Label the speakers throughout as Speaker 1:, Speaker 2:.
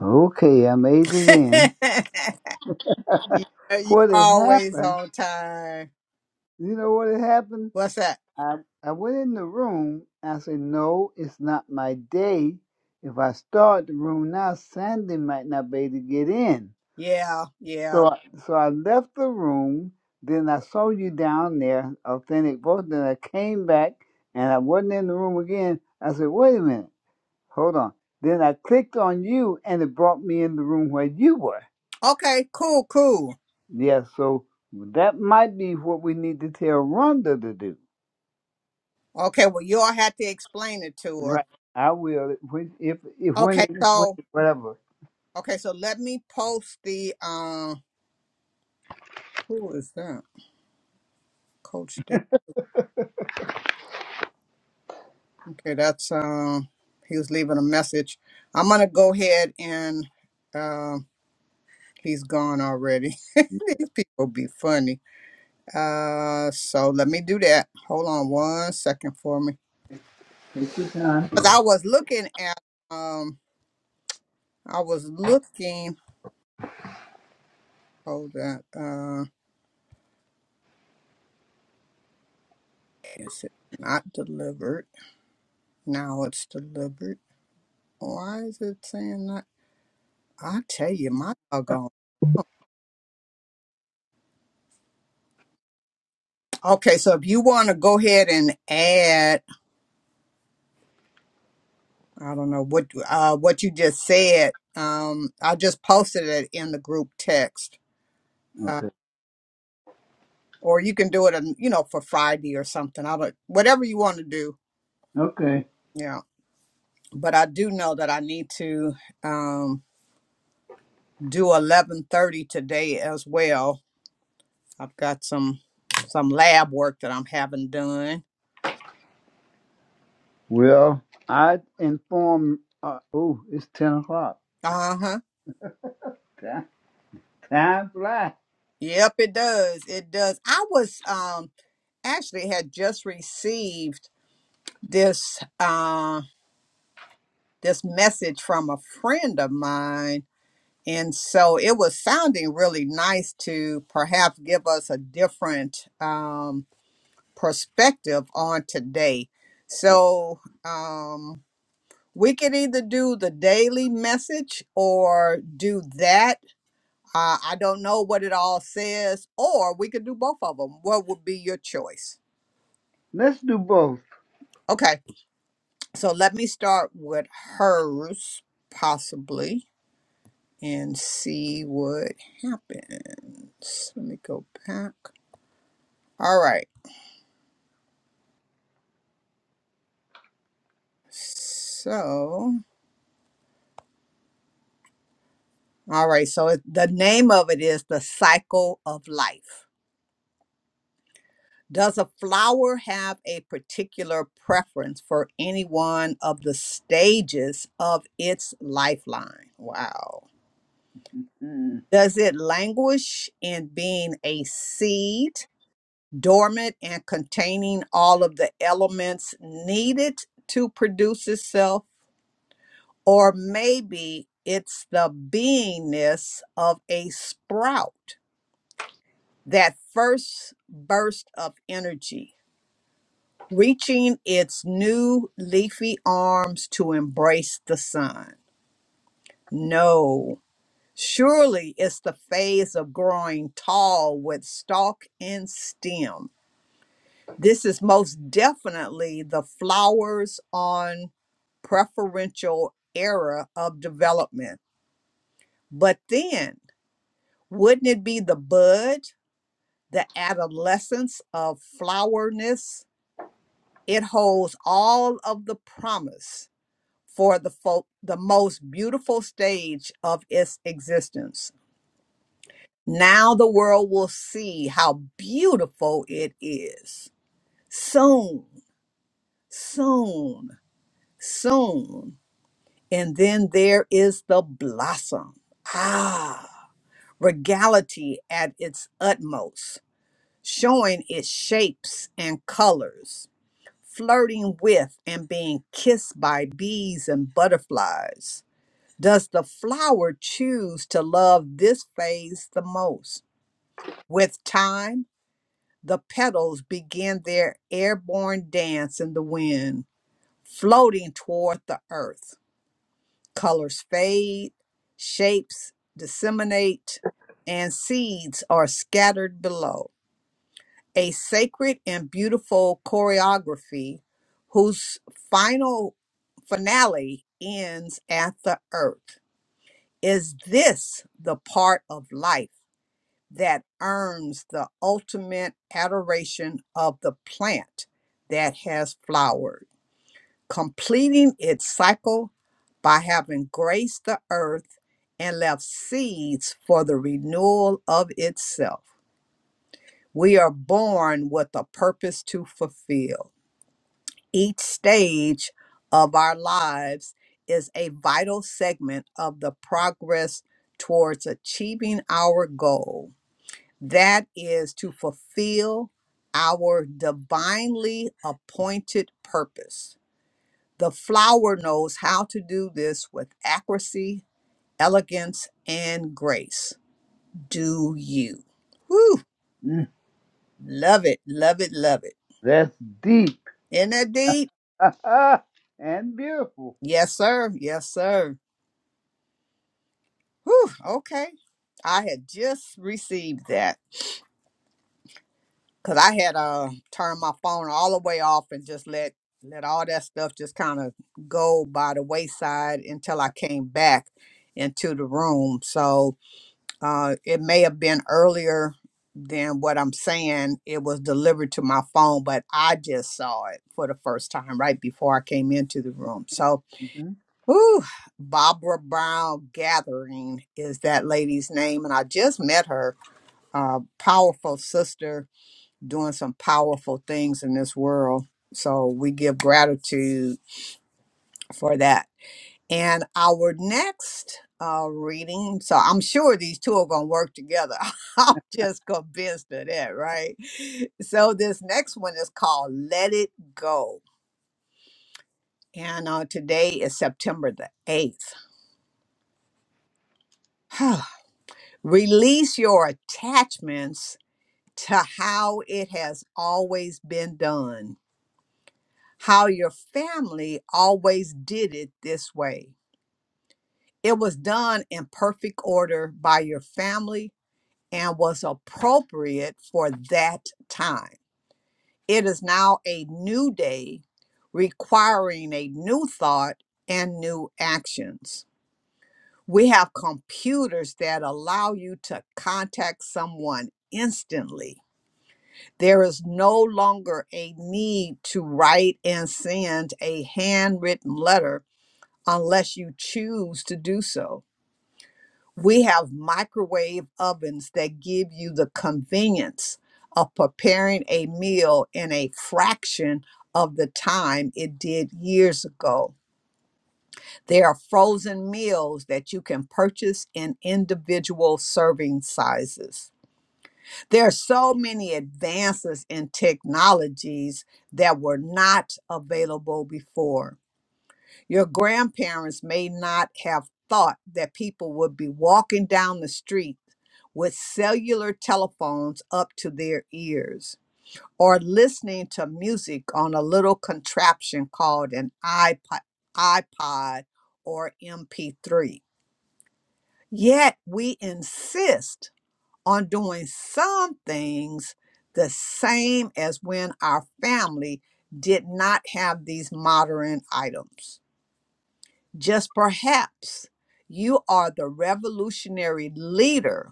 Speaker 1: Okay, I made it in.
Speaker 2: you, uh, you
Speaker 1: What had
Speaker 2: always
Speaker 1: happened?
Speaker 2: on time.
Speaker 1: You know what had happened?
Speaker 2: What's that?
Speaker 1: I I went in the room. I said, "No, it's not my day. If I start the room now, Sandy might not be able to get in."
Speaker 2: Yeah,
Speaker 1: So
Speaker 2: yeah.
Speaker 1: I, so I left the room. Then I saw you down there, authentic voice. Then I came back, and I wasn't in the room again. I said, "Wait a minute, hold on." Then I clicked on you, and it brought me in the room where you were.
Speaker 2: Okay, cool, cool.
Speaker 1: Yeah, so that might be what we need to tell Rhonda to do.
Speaker 2: Okay, well, you all have to explain it to
Speaker 1: Right.
Speaker 2: her.
Speaker 1: I will when if if when
Speaker 2: Okay,
Speaker 1: it when
Speaker 2: so
Speaker 1: it- whatever.
Speaker 2: okay, so let me post the um. Who is that? Coach Dave. Okay, that's um. He was leaving a message. I'm gonna go ahead and um. He's gone already. These people be funny. Uh, so let me do that. Hold on one second for me.
Speaker 1: Time.
Speaker 2: Because I was looking at, um, I was looking. Hold on. Uh, is it not delivered? Now it's delivered. Why is it saying that? I tell you, my doggone. Okay, so if you want to go ahead and add, I don't know what uh what you just said. Um, I just posted it in the group text. Uh,
Speaker 1: Okay.
Speaker 2: or you can do it, on, you know, for Friday or something. I don't, whatever you want to do.
Speaker 1: Okay.
Speaker 2: Yeah, but I do know that I need to. um. do 11:30 today as well. I've got some some lab work that I'm having done.
Speaker 1: Well, I inform. Uh, oh, it's ten o'clock.
Speaker 2: Uh-huh.
Speaker 1: Time, time flies.
Speaker 2: Yep, it does. It does. I was um actually had just received this uh this message from a friend of mine and so it was sounding really nice to perhaps give us a different um perspective on today.
Speaker 1: Oh,
Speaker 2: So, um. We could either do the daily message or do that. Uh, I don't know what it all says, or we could do both of them. What would be your choice?
Speaker 1: Let's do both.
Speaker 2: Okay, so let me start with hers, possibly, and see what happens. Let me go back. All right, so, all right, so it, the name of it is The Cycle of Life. Does a flower have a particular preference for any one of the stages of its lifeline? Wow.
Speaker 1: Mm,
Speaker 2: Does it languish in being a seed, dormant and containing all of the elements needed to produce itself? Or maybe it's the beingness of a sprout, that first burst of energy reaching its new leafy arms to embrace the sun. No, surely it's the phase of growing tall with stalk and stem. This is most definitely the flowers on preferential era of development. But then, wouldn't it be the bud, the adolescence of flowerness? It holds all of the promise for the fo- the most beautiful stage of its existence. Now the world will see how beautiful it is. Soon, soon, soon. And then there is the blossom. Ah, regality at its utmost, showing its shapes and colors, flirting with and being kissed by bees and butterflies Does the flower choose to love this phase the most? With time, the petals begin their airborne dance in the wind, floating toward the earth. Colors fade, shapes disseminate, and seeds are scattered below. A sacred and beautiful choreography whose final finale ends at the earth Is this the part of life that earns the ultimate adoration of the plant that has flowered, completing its cycle by having graced the earth and left seeds for the renewal of itself? We are born with a purpose to fulfill each stage of our lives is a vital segment of the progress towards achieving our goal. That is to fulfill our divinely appointed purpose. The flower knows how to do this with accuracy, elegance, and grace. Do you? Whew!
Speaker 1: mm.
Speaker 2: Love it, love it, love it.
Speaker 1: That's deep
Speaker 2: Isn't that deep?
Speaker 1: and beautiful.
Speaker 2: Yes, sir. Yes, sir. Whew, okay. I had just received that because I had uh turned my phone all the way off and just let let all that stuff just kind of go by the wayside until I came back into the room. So uh, it may have been earlier than what I'm saying. It was delivered to my phone, but I just saw it for the first time right before I came into the room. So,
Speaker 1: Mhm.
Speaker 2: whew, Barbara Brown Gathering is that lady's name, and I just met her uh, powerful sister doing some powerful things in this world. So we give gratitude for that. And our next uh, reading, so I'm sure these two are going to work together. I'm just convinced of that, right? So this next one is called Let It Go. And uh, today is September the 8th. Release your attachments to how it has always been done how your family always did it this way. It was done in perfect order by your family and was appropriate for that time. It is now a new day requiring a new thought and new actions. We have computers that allow you to contact someone instantly. There is no longer a need to write and send a handwritten letter unless you choose to do so. We have microwave ovens that give you the convenience of preparing a meal in a fraction of the time it did years ago. There are frozen meals that you can purchase in individual serving sizes. There are so many advances in technologies that were not available before Your grandparents may not have thought that people would be walking down the street with cellular telephones up to their ears or listening to music on a little contraption called an iPod, iPod or MP3. Yet we insist on doing some things the same as when our family did not have these modern items. Just perhaps you are the revolutionary leader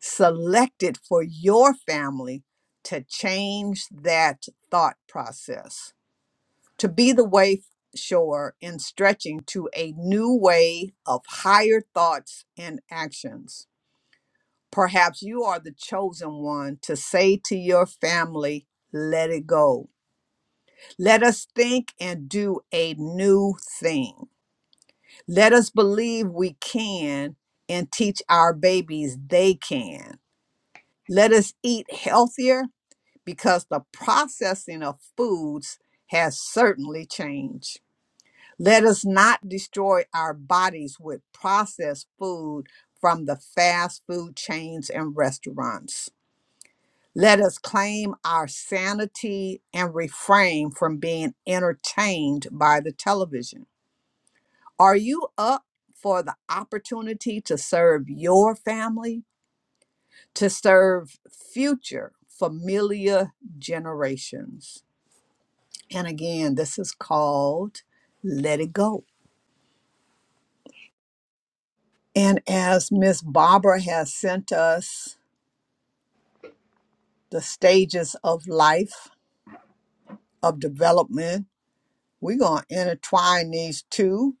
Speaker 2: selected for your family to change that thought process, to be the way shower in stretching to a new way of higher thoughts and actions. Perhaps you are the chosen one to say to your family, let it go. Let us think and do a new thing. Let us believe we can and teach our babies they can. Let us eat healthier because the processing of foods has certainly changed. Let us not destroy our bodies with processed food from the fast food chains and restaurants. Let us claim our sanity and refrain from being entertained by the television. Are you up for the opportunity to serve your family, to serve future familiar generations? And again, this is called Let It Go. And as Miss Barbara has sent us the stages of life, of development, we're going to intertwine these two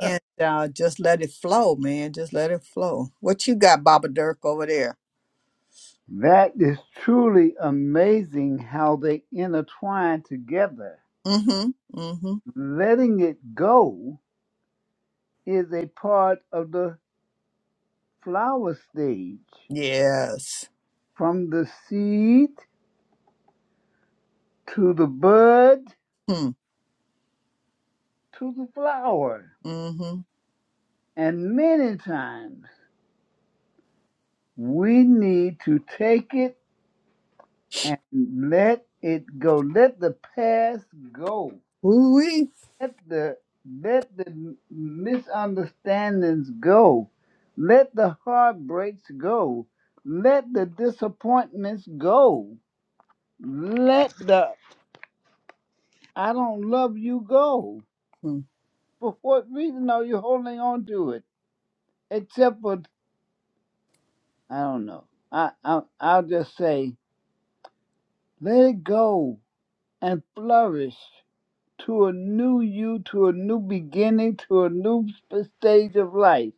Speaker 2: and uh, just let it flow, man. Just let it flow. What you got, Baba Dirk, over there?
Speaker 1: That is truly amazing how they intertwine together.
Speaker 2: Mm hmm. Mm hmm.
Speaker 1: Letting it go is a part of the flower stage,
Speaker 2: Yes.
Speaker 1: from the seed to the bud
Speaker 2: Hmm.
Speaker 1: to the flower.
Speaker 2: Mm-hmm.
Speaker 1: And many times we need to take it and let it go. Let the past go.
Speaker 2: Ooh wee
Speaker 1: Let the let the misunderstandings go. Let the heartbreaks go. Let the disappointments go. Let the I don't love you go.
Speaker 2: Hmm.
Speaker 1: For what reason are you holding on to it? Except for I don't know. I, I I'll just say let it go and flourish to a new you, to a new beginning, to a new sp- stage of life.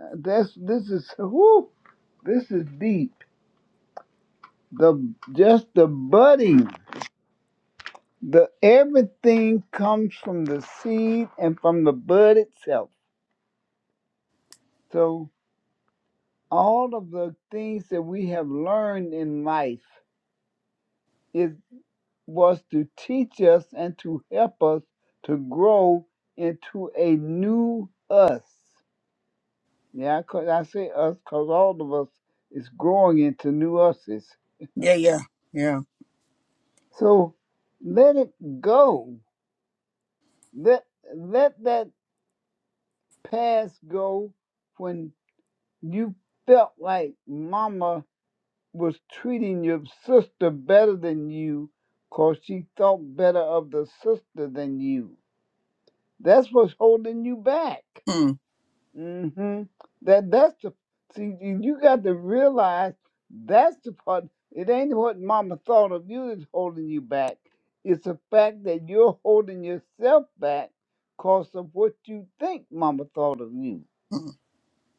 Speaker 1: Uh, That's this is whoo, this is deep. The just the budding, the everything comes from the seed and from the bud itself. So. all of the things that we have learned in life it was to teach us and to help us to grow into a new us yeah 'cause i say us because all of us is growing into new uses
Speaker 2: Yeah, yeah, yeah.
Speaker 1: so let it go let let that past go when you felt like mama was treating your sister better than you because she thought better of the sister than you. That's what's holding you back.
Speaker 2: Hmm.
Speaker 1: hmm That that's the see you you got to realize that's the part it ain't what mama thought of you that's holding you back. It's the fact that you're holding yourself back because of what you think mama thought of you.
Speaker 2: Hmm.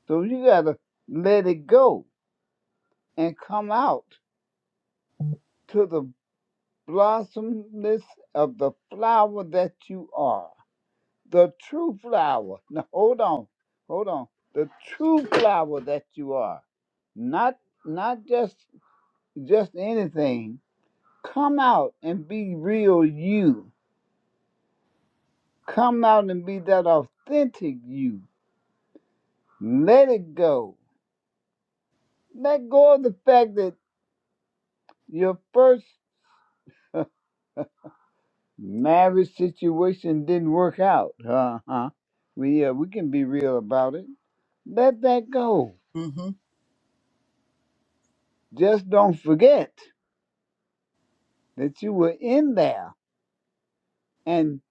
Speaker 1: So you gotta let it go and come out to the. blossomness of the flower that you are. The true flower. Now hold on. Hold on. The true flower that you are. Not not just just anything. Come out and be real you. Come out and be that authentic you. Let it go. Let go of the fact that your first marriage situation didn't work out. Uh huh. We uh, we can be real about it. Let that go.
Speaker 2: Mm-hmm.
Speaker 1: Just don't forget that you were in there, and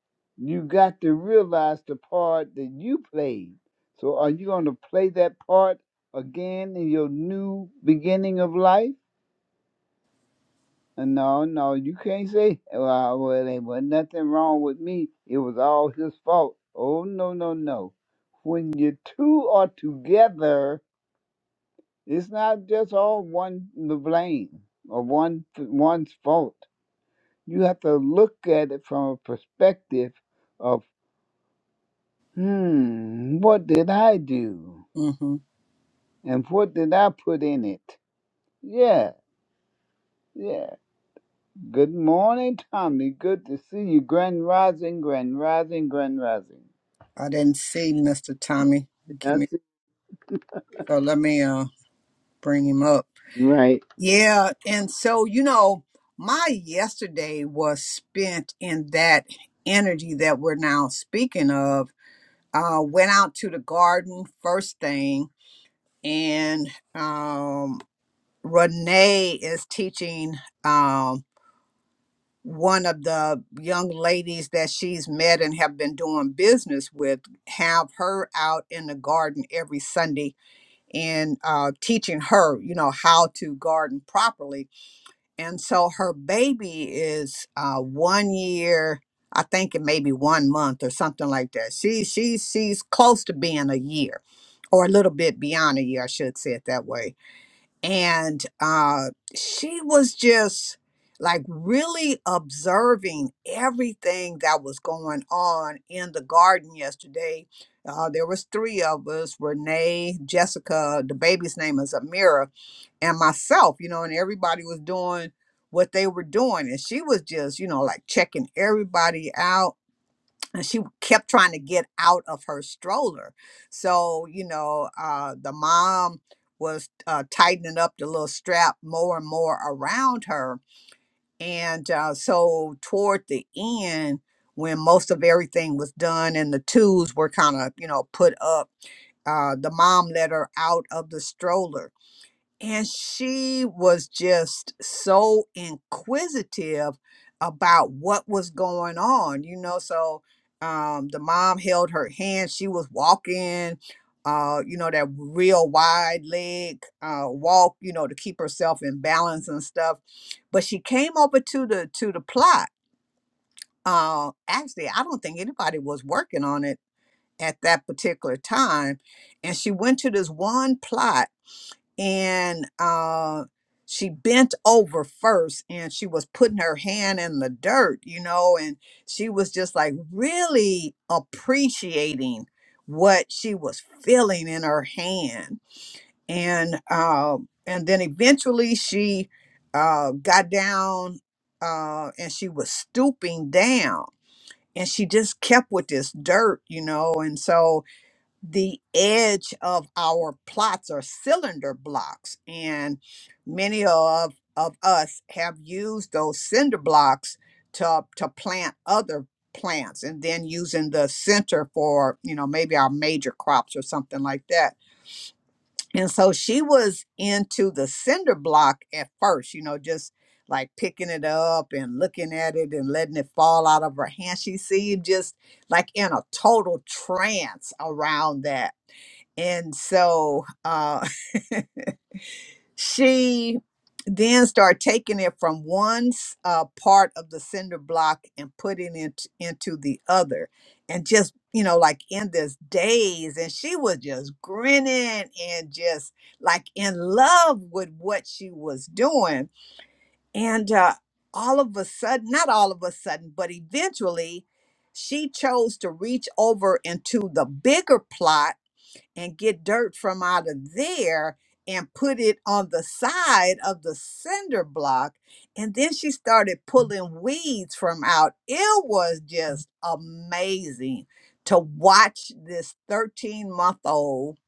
Speaker 1: you got to realize the part that you played. So, are you going to play that part again in your new beginning of life? Uh, No, no, you can't say, well, well, there was nothing wrong with me. It was all his fault. Oh, no, no, no. When you two are together, it's not just all one the blame or one one's fault. You have to look at it from a perspective of, hmm, what did I do?
Speaker 2: Mm-hmm.
Speaker 1: And what did I put in it? Yeah, yeah. Good morning, Tommy. Good to see you. Grand rising, grand rising, grand rising.
Speaker 2: I didn't see Mr. Tommy. Give me
Speaker 1: That's it.
Speaker 2: so let me uh bring him up.
Speaker 1: Right.
Speaker 2: Yeah, and so you know, my yesterday was spent in that energy that we're now speaking of. Uh went out to the garden first thing and um Renee is teaching um. one of the young ladies that she's met and have been doing business with have her out in the garden every sunday and uh, teaching her you know how to garden properly and so her baby is uh, one year i think it may be one month or something like that she, she she's close to being a year or a little bit beyond a year i should say it that way and uh, she was just like really observing everything that was going on in the garden yesterday. Uh, there was three of us: Renee, Jessica, the baby's name is Amira, and myself. You know, and everybody was doing what they were doing, and she was just, you know, like checking everybody out and she kept trying to get out of her stroller. So, you know, uh, the mom was uh, tightening up the little strap more and more around her. And uh, so, toward the end, when most of everything was done and the tools were kind of, you know, put up, uh, the mom let her out of the stroller and she was just so inquisitive about what was going on, you know. So um, the mom held her hand. She was walking, uh, you know, that real wide leg uh, walk, you know, to keep herself in balance and stuff. But she came over to the to the plot. Uh, actually, I don't think anybody was working on it at that particular time, and she went to this one plot and uh, she bent over first and she was putting her hand in the dirt, you know, and she was just like really appreciating what she was feeling in her hand. And uh, and then eventually she uh, got down uh, and she was stooping down and she just kept with this dirt, you know, and so the edge of our plots or cylinder blocks and many of of us have used those cinder blocks to to plant other plants and then using the center for you know maybe our major crops or something like that and so she was into the cinder block at first you know just like picking it up and looking at it and letting it fall out of her hand she seemed just like in a total trance around that and so uh, she then started taking it from one s- uh, part of the cinder block and putting it into the other. And just, you know, like in this daze. And she was just grinning and just like in love with what she was doing. And uh, all of a sudden, not all of a sudden, but eventually, she chose to reach over into the bigger plot and get dirt from out of there and put it on the side of the cinder block. And then she started pulling weeds from out. It was just amazing to watch this 13 month old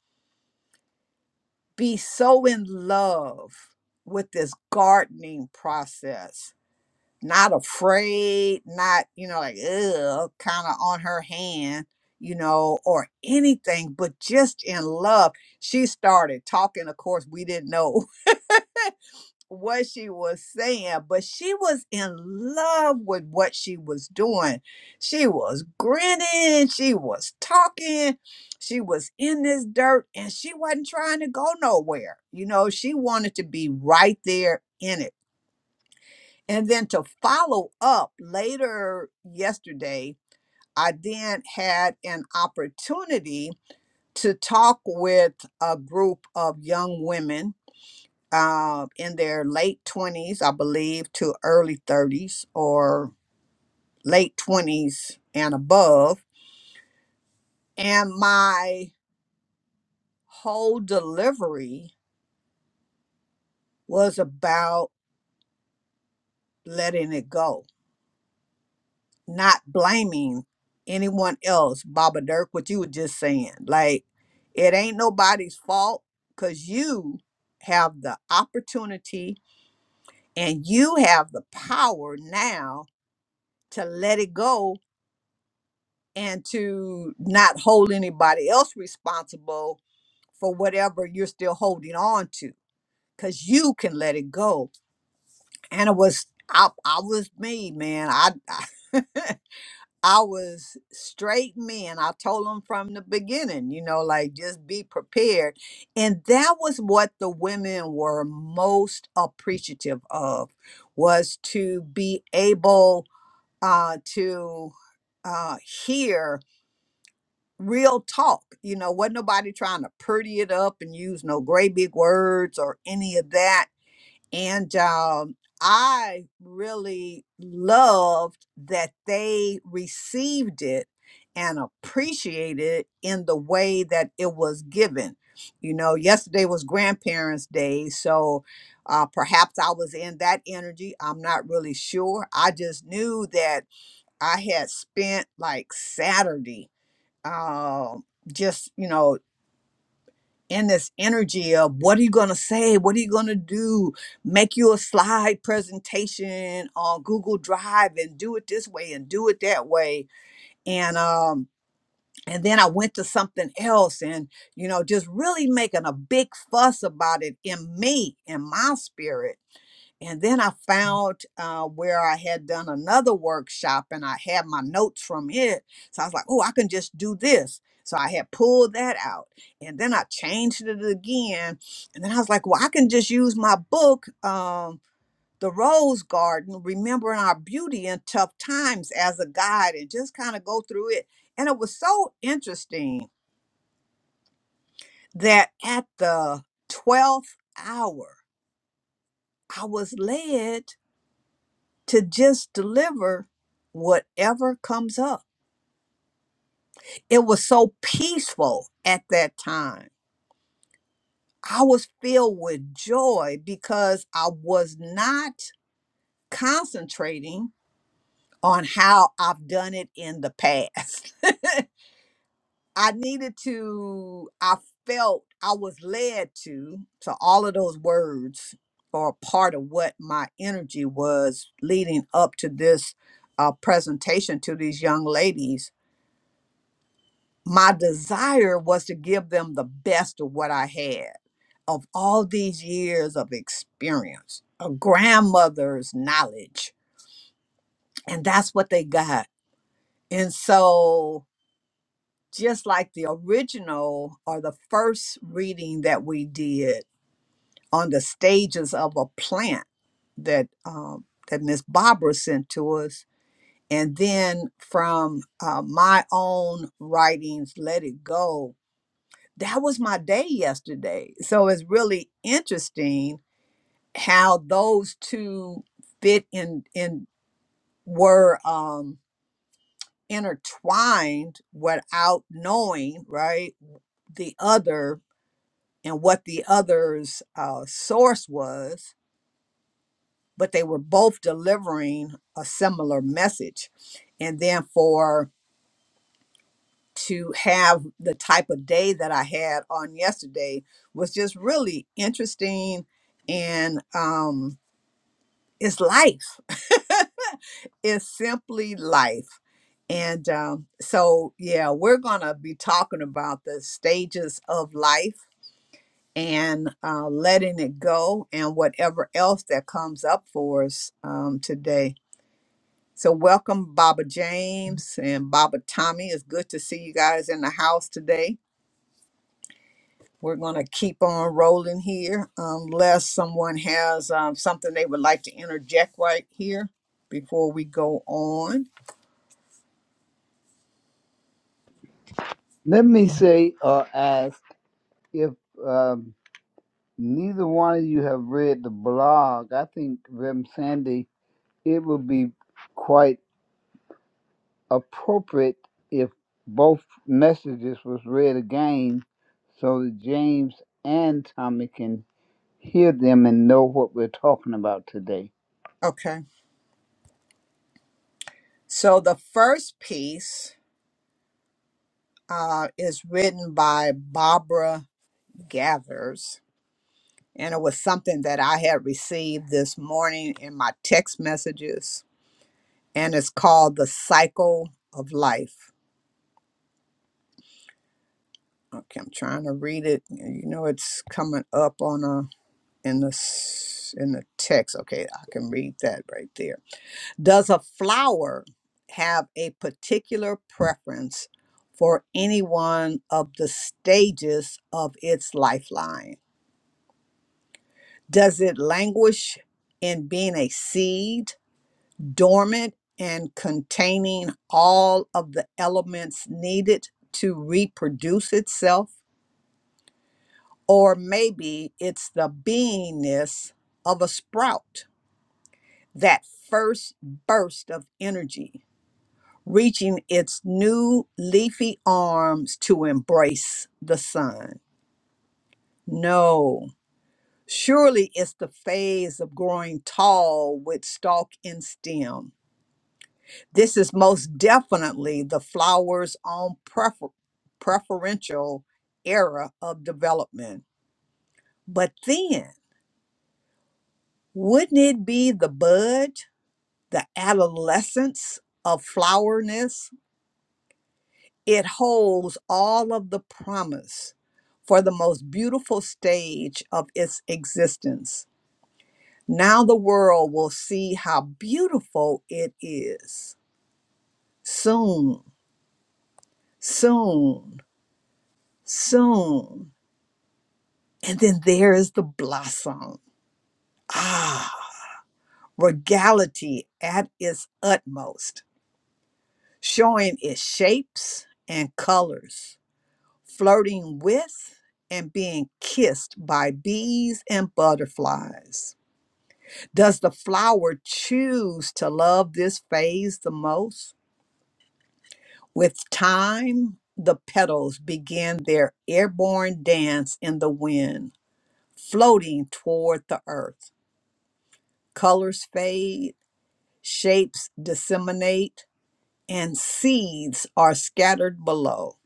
Speaker 2: be so in love with this gardening process not afraid, not, you know, like, ugh, kind of on her hand, you know, or anything, but just in love. She started talking. Of course, we didn't know what she was saying, but she was in love with what she was doing. She was grinning, she was talking, she was in this dirt, and she wasn't trying to go nowhere. You know, she wanted to be right there in it and then to follow up later yesterday, I then had an opportunity to talk with a group of young women uh, in their late 20s, I believe, to early 30s or late 20s and above. And my whole delivery was about letting it go not blaming anyone else, Baba Dirk, what you were just saying. Like, it ain't nobody's fault because you have the opportunity and you have the power now to let it go and to not hold anybody else responsible for whatever you're still holding on to because you can let it go. And it was, I, I was me, man. I, I was straight men. I told them from the beginning, you know, like just be prepared. And that was what the women were most appreciative of was to be able uh, to uh, hear real talk. You know, wasn't nobody trying to pretty it up and use no great big words or any of that and um, I really loved that they received it and appreciated it in the way that it was given. You know, yesterday was Grandparents' Day, so uh, perhaps I was in that energy. I'm not really sure. I just knew that I had spent like Saturday um, just, you know, in this energy of what are you going to say what are you going to do make you a slide presentation on google drive and do it this way and do it that way and um and then i went to something else and you know just really making a big fuss about it in me in my spirit and then I found uh, where I had done another workshop and I had my notes from it. So I was like, oh, I can just do this. So I had pulled that out and then I changed it again. And then I was like, well, I can just use my book, um, The Rose Garden Remembering Our Beauty in Tough Times, as a guide and just kind of go through it. And it was so interesting that at the 12th hour, I was led. to just deliver whatever comes up. It was so peaceful at that time. I was filled with joy because I was not concentrating on how I've done it in the past. I needed to, I felt I was led to, so all of those words are part of what my energy was leading up to this uh, presentation to these young ladies my desire was to give them the best of what I had of all these years of experience, a grandmother's knowledge. And that's what they got. And so, just like the original or the first reading that we did on the stages of a plant that um, that Miss Barbara sent to us, and then from uh, my own writings, let it go that was my day yesterday. So it's really interesting how those two fit in in were um intertwined without knowing, right? The other and what the other's uh, source was, but they were both delivering a similar message. And then for to have the type of day that I had on yesterday was just really interesting. And um, it's life, it's simply life. And um, so, yeah, we're going to be talking about the stages of life and uh, letting it go and whatever else that comes up for us um, today. So, welcome, Baba James and Baba Tommy. It's good to see you guys in the house today. We're going to keep on rolling here unless someone has um, something they would like to interject right here before we go on.
Speaker 1: Let me say or ask if um, neither one of you have read the blog. I think, Rem Sandy, it would be quite appropriate if both messages was read again so that James and Tommy can hear them and know what we're talking about today.
Speaker 2: Okay. So the first piece uh, is written by Barbara Gathers, and it was something that I had received this morning in my text messages, and it's called The Cycle of Life. Okay, I'm trying to read it. You know, it's coming up on a. in the s- in the text. Okay, I can read that right there. Does a flower have a particular preference for any one of the stages of its lifeline? Does it languish in being a seed, dormant and containing all of the elements needed to reproduce itself? Or maybe it's the beingness of a sprout that first burst of energy, reaching its new leafy arms to embrace the sun. No, surely it's the phase of growing tall with stalk and stem. This is most definitely the flower's own prefer- preferential era of development. But then, wouldn't it be the bud, the adolescence of flowerness? It holds all of the promise for the most beautiful stage of its existence. Now the world will see how beautiful it is. Soon, soon, soon. And then there is the blossom. Ah, regality at its utmost, showing its shapes and colors flirting with and being kissed by bees and butterflies. Does the flower choose to love this phase the most? With time, the petals begin their airborne dance in the wind, floating toward the earth. Colors fade, shapes disseminate, and seeds are scattered below.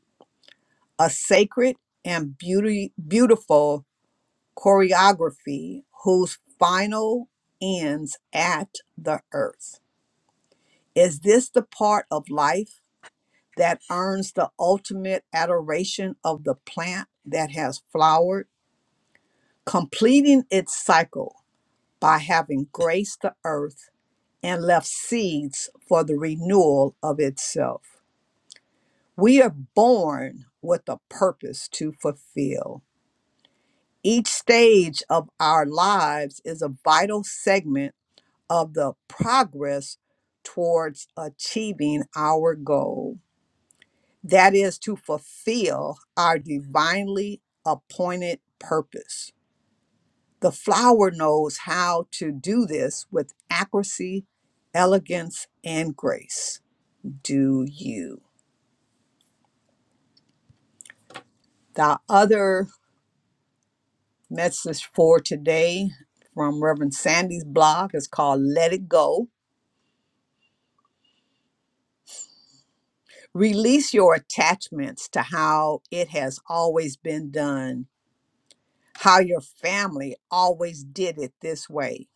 Speaker 2: A sacred and beauty, beautiful choreography whose final ends at the earth. Is this the part of life that earns the ultimate adoration of the plant that has flowered, completing its cycle by having graced the earth and left seeds for the renewal of itself? We are born with a purpose to fulfill. Each stage of our lives is a vital segment of the progress towards achieving our goal that is to fulfill our divinely appointed purpose. The flower knows how to do this with accuracy, elegance, and grace. Do you? The other message for today from Reverend Sandy's blog is called Let It Go. Release your attachments to how it has always been done how your family always did it this way.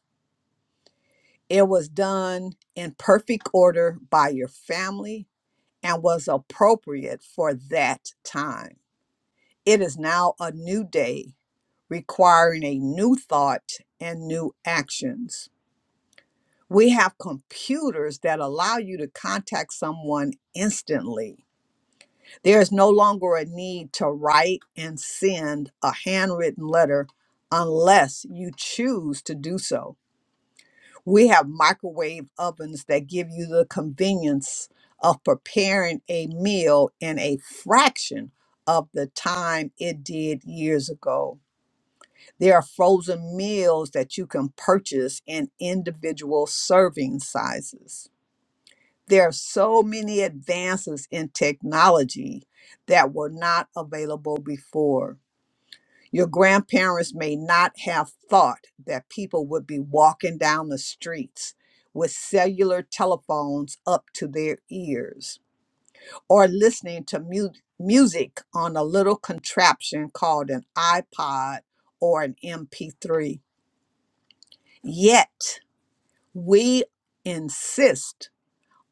Speaker 2: It was done in perfect order by your family and was appropriate for that time. It is now a new day requiring a new thought and new actions. We have computers that allow you to contact someone instantly. There is no longer a need to write and send a handwritten letter unless you choose to do so. We have microwave ovens that give you the convenience of preparing a meal in a fraction of the time it did years ago. There are frozen meals that you can purchase in individual serving sizes. There are so many advances in technology that were not available before. Your grandparents may not have thought that people would be walking down the streets with cellular telephones up to their ears or listening to mu- music on a little contraption called an iPod or an MP3. Yet, we insist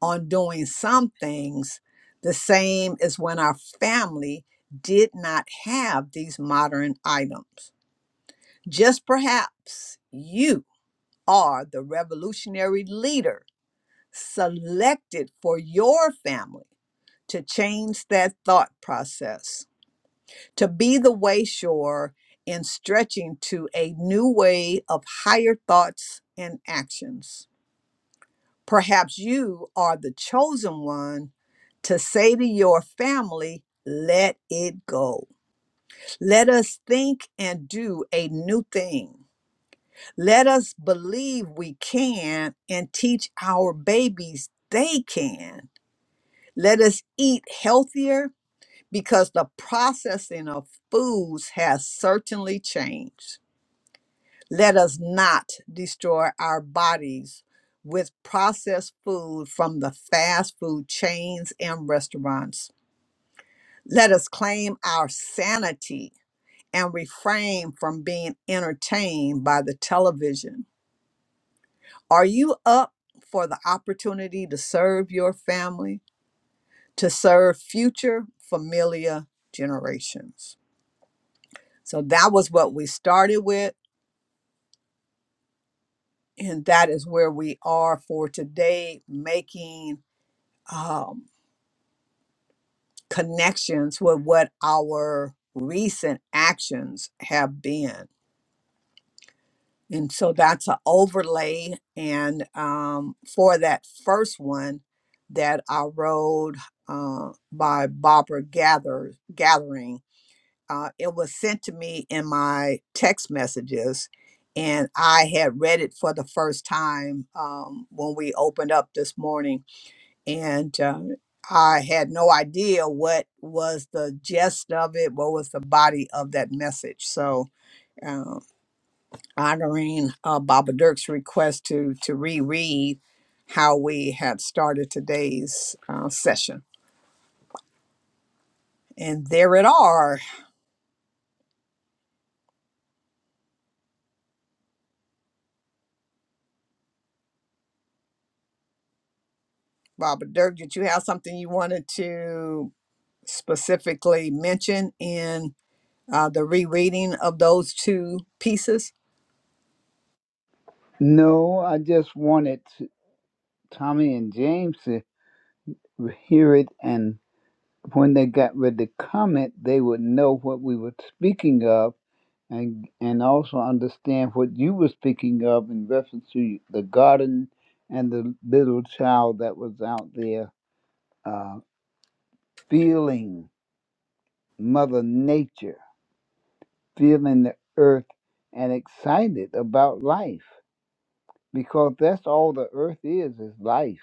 Speaker 2: on doing some things the same as when our family did not have these modern items. Just perhaps you are the revolutionary leader selected for your family to change that thought process, to be the way shore in stretching to a new way of higher thoughts and actions. Perhaps you are the chosen one to say to your family, let it go. Let us think and do a new thing. Let us believe we can and teach our babies they can. Let us eat healthier because the processing of foods has certainly changed. Let us not destroy our bodies with processed food from the fast food chains and restaurants. Let us claim our sanity and refrain from being entertained by the television Are you up for the opportunity to serve your family, to serve future familiar generations? So that was what we started with, and that is where we are for today, making um, connections with what our recent actions have been. And so that's an overlay. And um, for that first one that I rode uh, by Barbara Gather Gathering, uh, it was sent to me in my text messages. And I had read it for the first time um, when we opened up this morning. And uh, I had no idea what was the gist of it, what was the body of that message. So um, honoring uh, Baba Dirk's request to to reread how we had started today's uh, session. And there it are, Baba Dirk. Did you have something you wanted to specifically mention in uh, the rereading of those two pieces?
Speaker 1: No, I just wanted Tommy and James to hear it, and when they got ready to comment, they would know what we were speaking of, and and also understand what you were speaking of in reference to the garden and the little child that was out there uh, feeling Mother Nature, feeling the earth, and excited about life because that's all the earth is is life.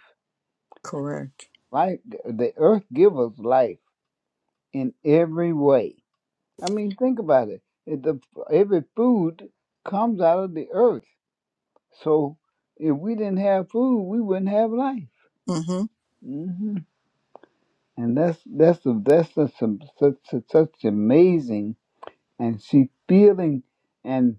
Speaker 2: Correct.
Speaker 1: Life, the earth gives us life in every way I mean, think about it. If the every food comes out of the earth, so if we didn't have food, we wouldn't have life.
Speaker 2: Mm-hmm.
Speaker 1: hmm And that's that's the that's the, some, such such such amazing. And she feeling, and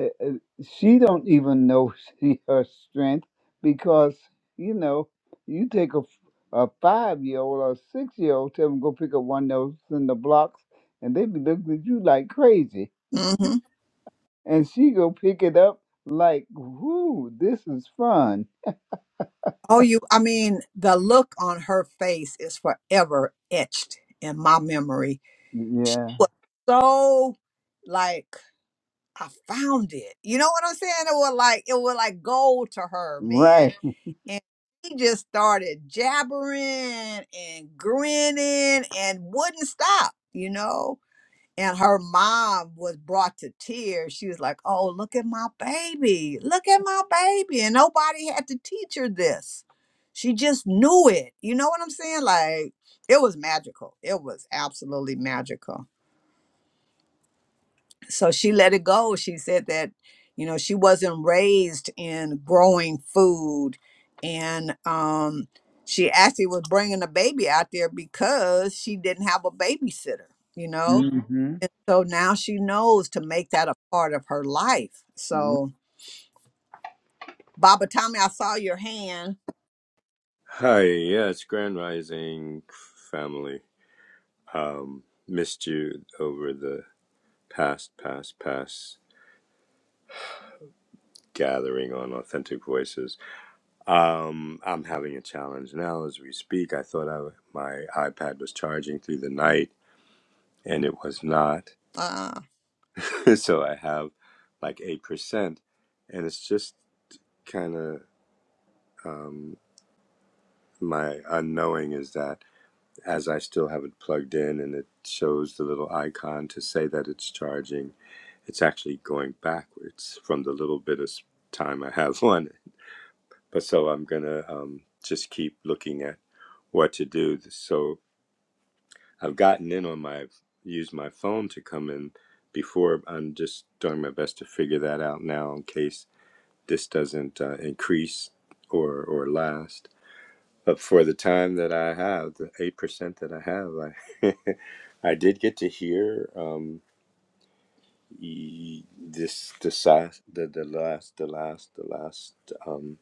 Speaker 1: uh, uh, she don't even know she, her strength because you know you take a a five year old or a six year old, tell them go pick up one of those in the blocks, and they be looking at you like crazy
Speaker 2: Mm-hmm.
Speaker 1: and she go pick it up like, "Whoo, this is fun."
Speaker 2: Oh, you. I mean, the look on her face is forever etched in my memory. She
Speaker 1: Yeah,
Speaker 2: was so like. I found it. You know what I'm saying? It was like it was like gold to her, man.
Speaker 1: right.
Speaker 2: And she just started jabbering and grinning and wouldn't stop, you know. And her mom was brought to tears. She was like, "Oh, look at my baby! Look at my baby!" And nobody had to teach her this. She just knew it. You know what I'm saying? Like it was magical. It was absolutely magical so she let it go she said that you know she wasn't raised in growing food and um she actually was bringing a baby out there because she didn't have a babysitter you know
Speaker 1: hmm
Speaker 2: and so now she knows to make that a part of her life so baba tommy i saw your hand
Speaker 3: Hi, yeah, it's Grand Rising family. Um, missed you over the past, past, past gathering on Authentic Voices. Um, I'm having a challenge now as we speak. I thought I, my iPad was charging through the night, and it was not.
Speaker 2: uh
Speaker 3: so I have like 8%, and it's just kind of um, my unknowing is that as I still have it plugged in and it shows the little icon to say that it's charging It's actually going backwards from the little bit of time I have on it. But so I'm going to um, just keep looking at what to do. So I've gotten in on my, used my phone to come in before. I'm just doing my best to figure that out now in case this doesn't uh, increase or, or last. But for the time that I have, the 8% that I have, I, I did get to hear. Um, y- this the last the, the last the last the last um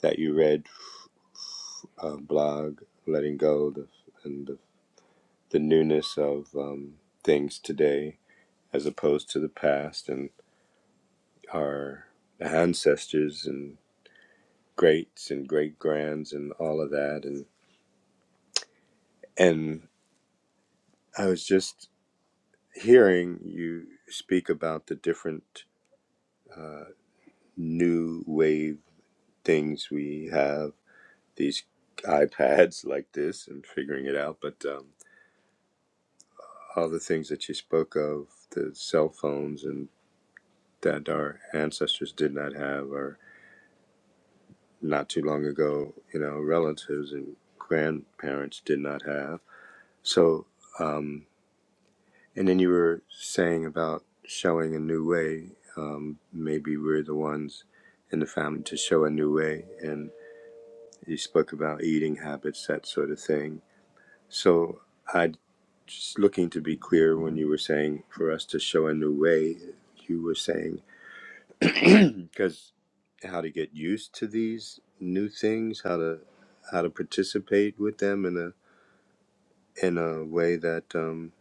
Speaker 3: that you read uh, blog letting go the, and the, the newness of um, things today as opposed to the past and our ancestors and greats and great grands and all of that and and I was just hearing you speak about the different uh, new wave things we have these iPads like this and figuring it out. But um, all the things that you spoke of, the cell phones and that our ancestors did not have, or not too long ago, you know, relatives and grandparents did not have. So, um, and then you were saying about showing a new way. Um, maybe we're the ones in the family to show a new way. And you spoke about eating habits, that sort of thing So I just looking to be clear when you were saying for us to show a new way, you were saying because how to get used to these new things, how to how to participate with them in a in a way that um,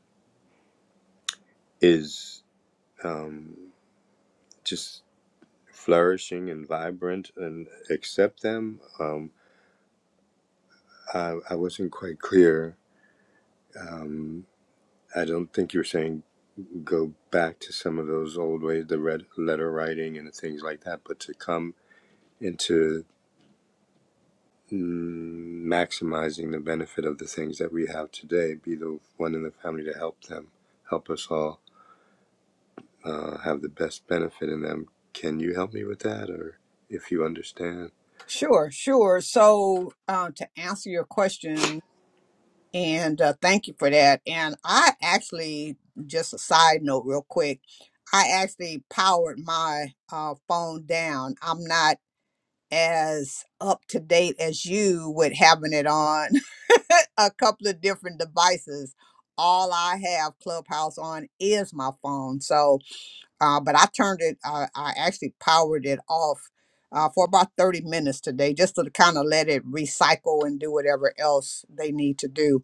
Speaker 3: is um, just flourishing and vibrant and accept them. Um, I, I wasn't quite clear. Um, I don't think you were saying go back to some of those old ways, the red letter writing and things like that, but to come into mm, maximizing the benefit of the things that we have today, be the one in the family to help them, help us all uh, have the best benefit in them. Can you help me with that, or if you understand?
Speaker 2: sure sure so uh to answer your question And uh, thank you for that. And I actually, just a side note, real quick, I actually powered my uh, phone down. I'm not as up to date as you with having it on a couple of different devices. All I have Clubhouse on is my phone. So, uh, but I turned it, uh, I actually powered it off uh, for about 30 minutes today just to kind of let it recycle and do whatever else they need to do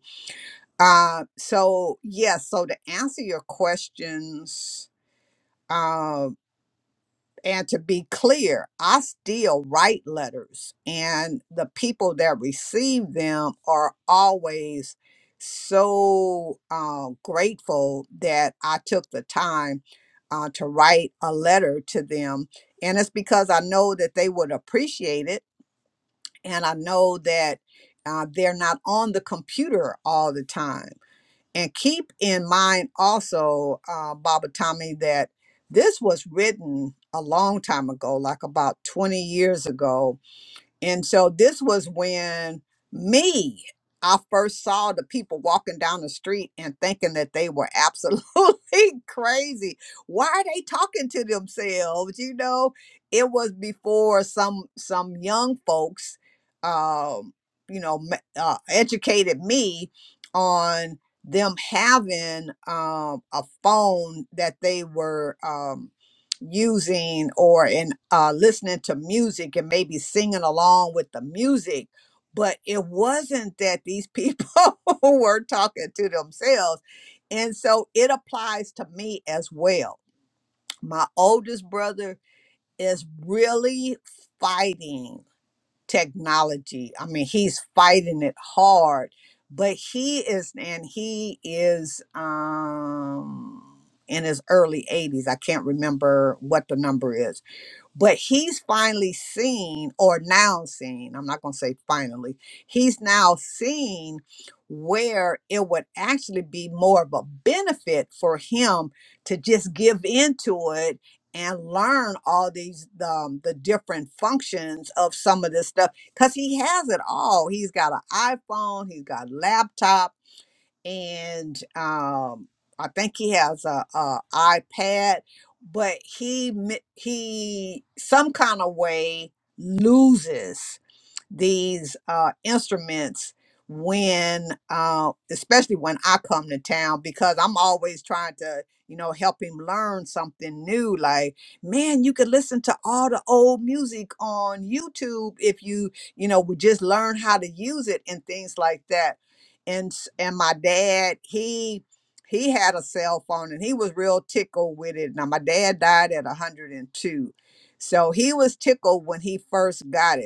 Speaker 2: uh, so yes, so to answer your questions, uh, and to be clear, I still write letters, and the people that receive them are always so uh, grateful that I took the time uh, to write a letter to them, and it's because I know that they would appreciate it, and I know that uh, they're not on the computer all the time and keep in mind also, uh, Baba Tommy, that this was written a long time ago, like about 20 years ago and so this was when me, I first saw the people walking down the street and thinking that they were absolutely crazy. Why are they talking to themselves? You know, it was before some some young folks, um, you know, ma- uh, educated me on them having um, a phone that they were. um using or in uh, listening to music and maybe singing along with the music. But it wasn't that these people were talking to themselves. And so it applies to me as well. My oldest brother is really fighting technology. I mean, he's fighting it hard, but he is, and he is, um, in his early 80s. I can't remember what the number is but he's finally seen or now seen i'm not going to say finally he's now seen where it would actually be more of a benefit for him to just give into it and learn all these um, the different functions of some of this stuff because he has it all he's got an iphone he's got a laptop and um, I think he has a, a iPad, but he mi- he some kind of way loses these uh, instruments when uh, especially when i come to town because i'm always trying to you know help him learn something new like man you could listen to all the old music on youtube if you you know would just learn how to use it and things like that and s- and my dad he he had a cell phone and he was real tickled with it now my dad died at 102 so he was tickled when he first got it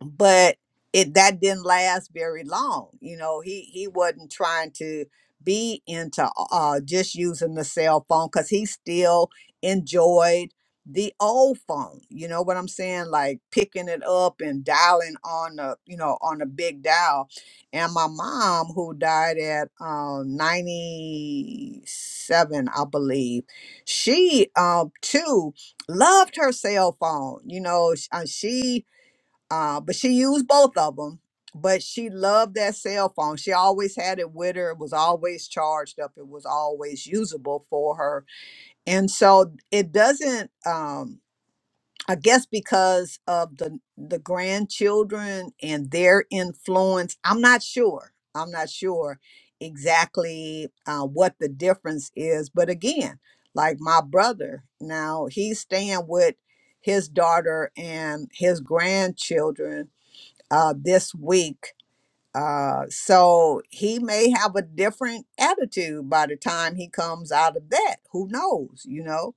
Speaker 2: but it that didn't last very long you know he he wasn't trying to be into uh just using the cell phone because he still enjoyed the old phone you know what i'm saying like picking it up and dialing on the you know on the big dial and my mom who died at um 97 i believe she um too loved her cell phone you know sh- uh, she uh, but she used both of them. But she loved that cell phone. She always had it with her. It was always charged up. It was always usable for her. And so it doesn't. Um, I guess because of the the grandchildren and their influence, I'm not sure. I'm not sure exactly uh, what the difference is. But again, like my brother, now he's staying with his daughter and his grandchildren uh, this week. Uh, so he may have a different attitude by the time he comes out of that. Who knows? You know,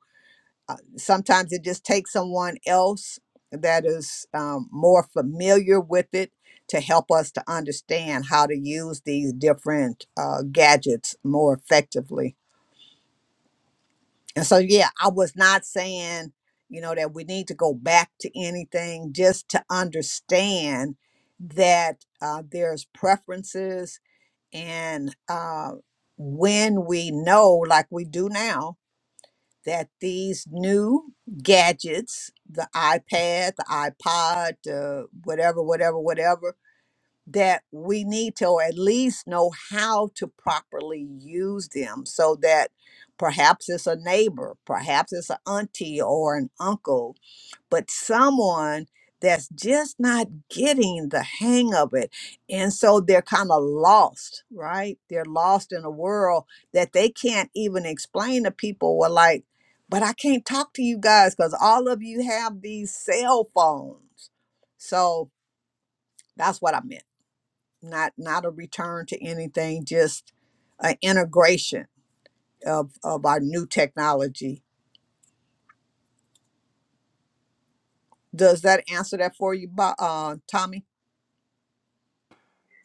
Speaker 2: uh, sometimes it just takes someone else that is um, more familiar with it to help us to understand how to use these different uh, gadgets more effectively. And so, yeah, I was not saying, you know, that we need to go back to anything, just to understand that uh, there's preferences. And uh, when we know, like we do now, that these new gadgets, the iPad, the iPod, uh, whatever, whatever, whatever, that we need to, or at least know how to properly use them so that perhaps it's a neighbor, perhaps it's an auntie or an uncle, but someone that's just not getting the hang of it. And so they're kind of lost, right? They're lost in a world that they can't even explain to people. Well, like, but I can't talk to you guys because all of you have these cell phones. So that's what I meant not not a return to anything just an integration of of our new technology does that answer that for you Bo- uh tommy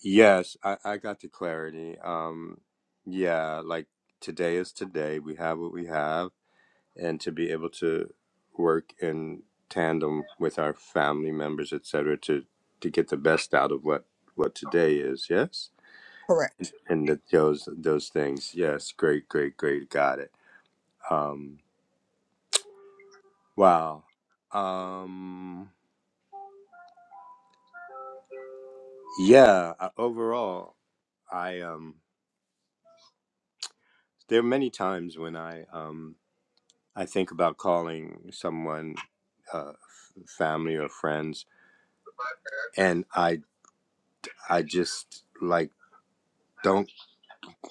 Speaker 3: Yes, I, I got the clarity. Um, yeah, like today is today. We have what we have and to be able to work in tandem with our family members, et cetera, to to get the best out of what what today is. Yes,
Speaker 2: correct
Speaker 3: and that those those things. Yes, great, great, great. Got it. Um, wow. Um, yeah. uh, Overall, I um, there are many times when I um, I think about calling someone, uh, f- family or friends, and I I just like don't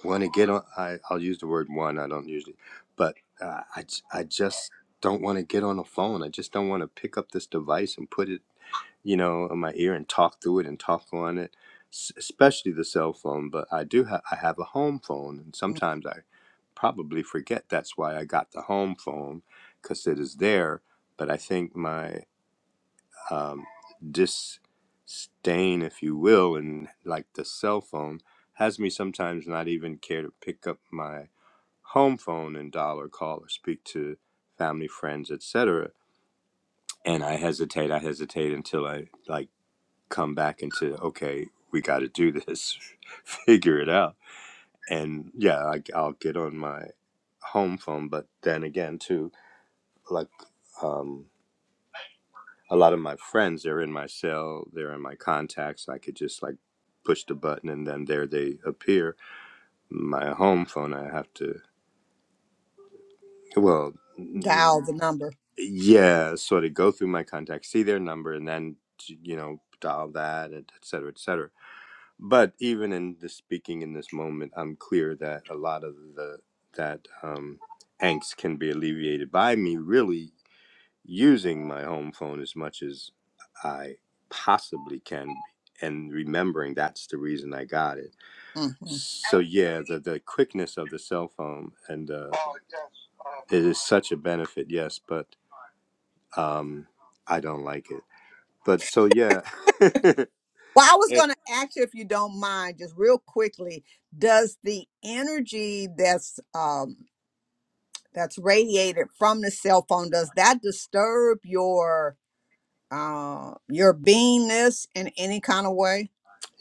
Speaker 3: want to get on I, i'll use the word one i don't usually but uh, I, j- I just don't want to get on the phone i just don't want to pick up this device and put it you know in my ear and talk through it and talk on it s- especially the cell phone but i do have i have a home phone and
Speaker 2: Mm,
Speaker 3: sometimes i probably forget that's why i got the home phone because it is there but i think my um, disdain, if you will, and like the cell phone, has me sometimes not even care to pick up my home phone and dial or call or speak to family, friends, etc. And I hesitate. I hesitate until I like come back into okay, we got to do this, figure it out. And yeah, I, I'll get on my home phone, but then again, too, like. Um, a lot of my friends they're in my cell they're in my contacts i could just like push the button and then there they appear my home phone i have to well mm,
Speaker 2: dial the number
Speaker 3: yeah sort of go through my contacts see their number and then you know dial that et cetera et cetera but even in the speaking in this moment i'm clear that a lot of the that um angst can be alleviated by me really using my home phone as much as I possibly can and remembering that's the reason I got it.
Speaker 2: hmm
Speaker 3: So yeah, the, the quickness of the cell phone and uh, it is such a benefit, yes, but um, I don't like it. But so yeah,
Speaker 2: well i was going to ask you if you don't mind just real quickly does the energy that's um that's radiated from the cell phone does that disturb your uh, your beingness in any kind of way.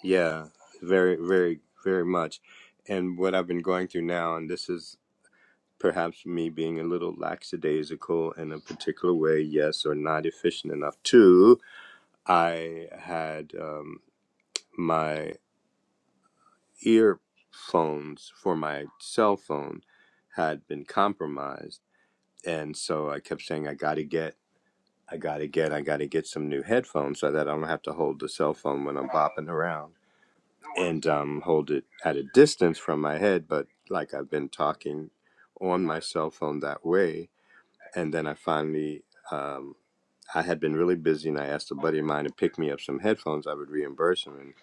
Speaker 3: yeah, very, very, very much. And what I've been going through now, and this is perhaps me being a little lackadaisical in a particular way, yes, or not efficient enough. Two, I had um, my earphones for my cell phone had been compromised, and so I kept saying, "I got to get." I gotta get, I gotta get some new headphones so that I don't have to hold the cell phone when I'm bopping around and um, hold it at a distance from my head. But like I've been talking on my cell phone that way, And then I finally, um, I had been really busy, and I asked a buddy of mine to pick me up some headphones. I would reimburse him, and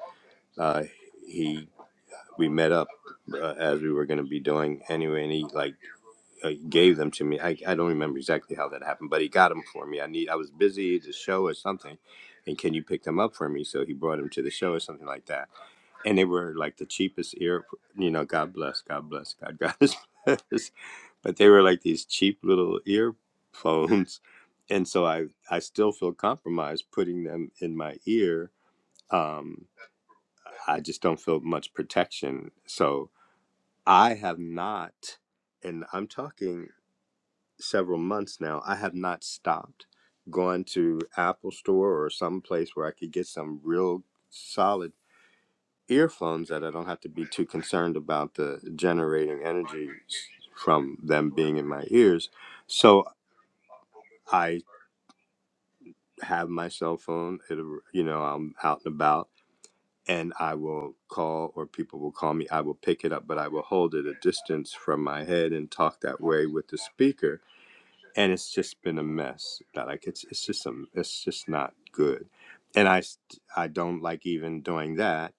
Speaker 3: uh, he we met up uh, as we were going to be doing anyway, and he like uh, gave them to me. I, I don't remember exactly how that happened, but he got them for me. I need I was busy at the show or something, and can you pick them up for me? So he brought them to the show or something like that, and they were like the cheapest ear. You know, God bless, God bless, God God bless. but they were like these cheap little earphones and so i i still feel compromised putting them in my ear um i just don't feel much protection so i have not and i'm talking several months now i have not stopped going to apple store or some place where i could get some real solid earphones that i don't have to be too concerned about the generating energy from them being in my ears so I have my cell phone. It, will you know, I'm out and about, and I will call or people will call me. I will pick it up, but I will hold it a distance from my head and talk that way with the speaker. And it's just been a mess. That like it's it's just a it's just not good. And I st- I don't like even doing that.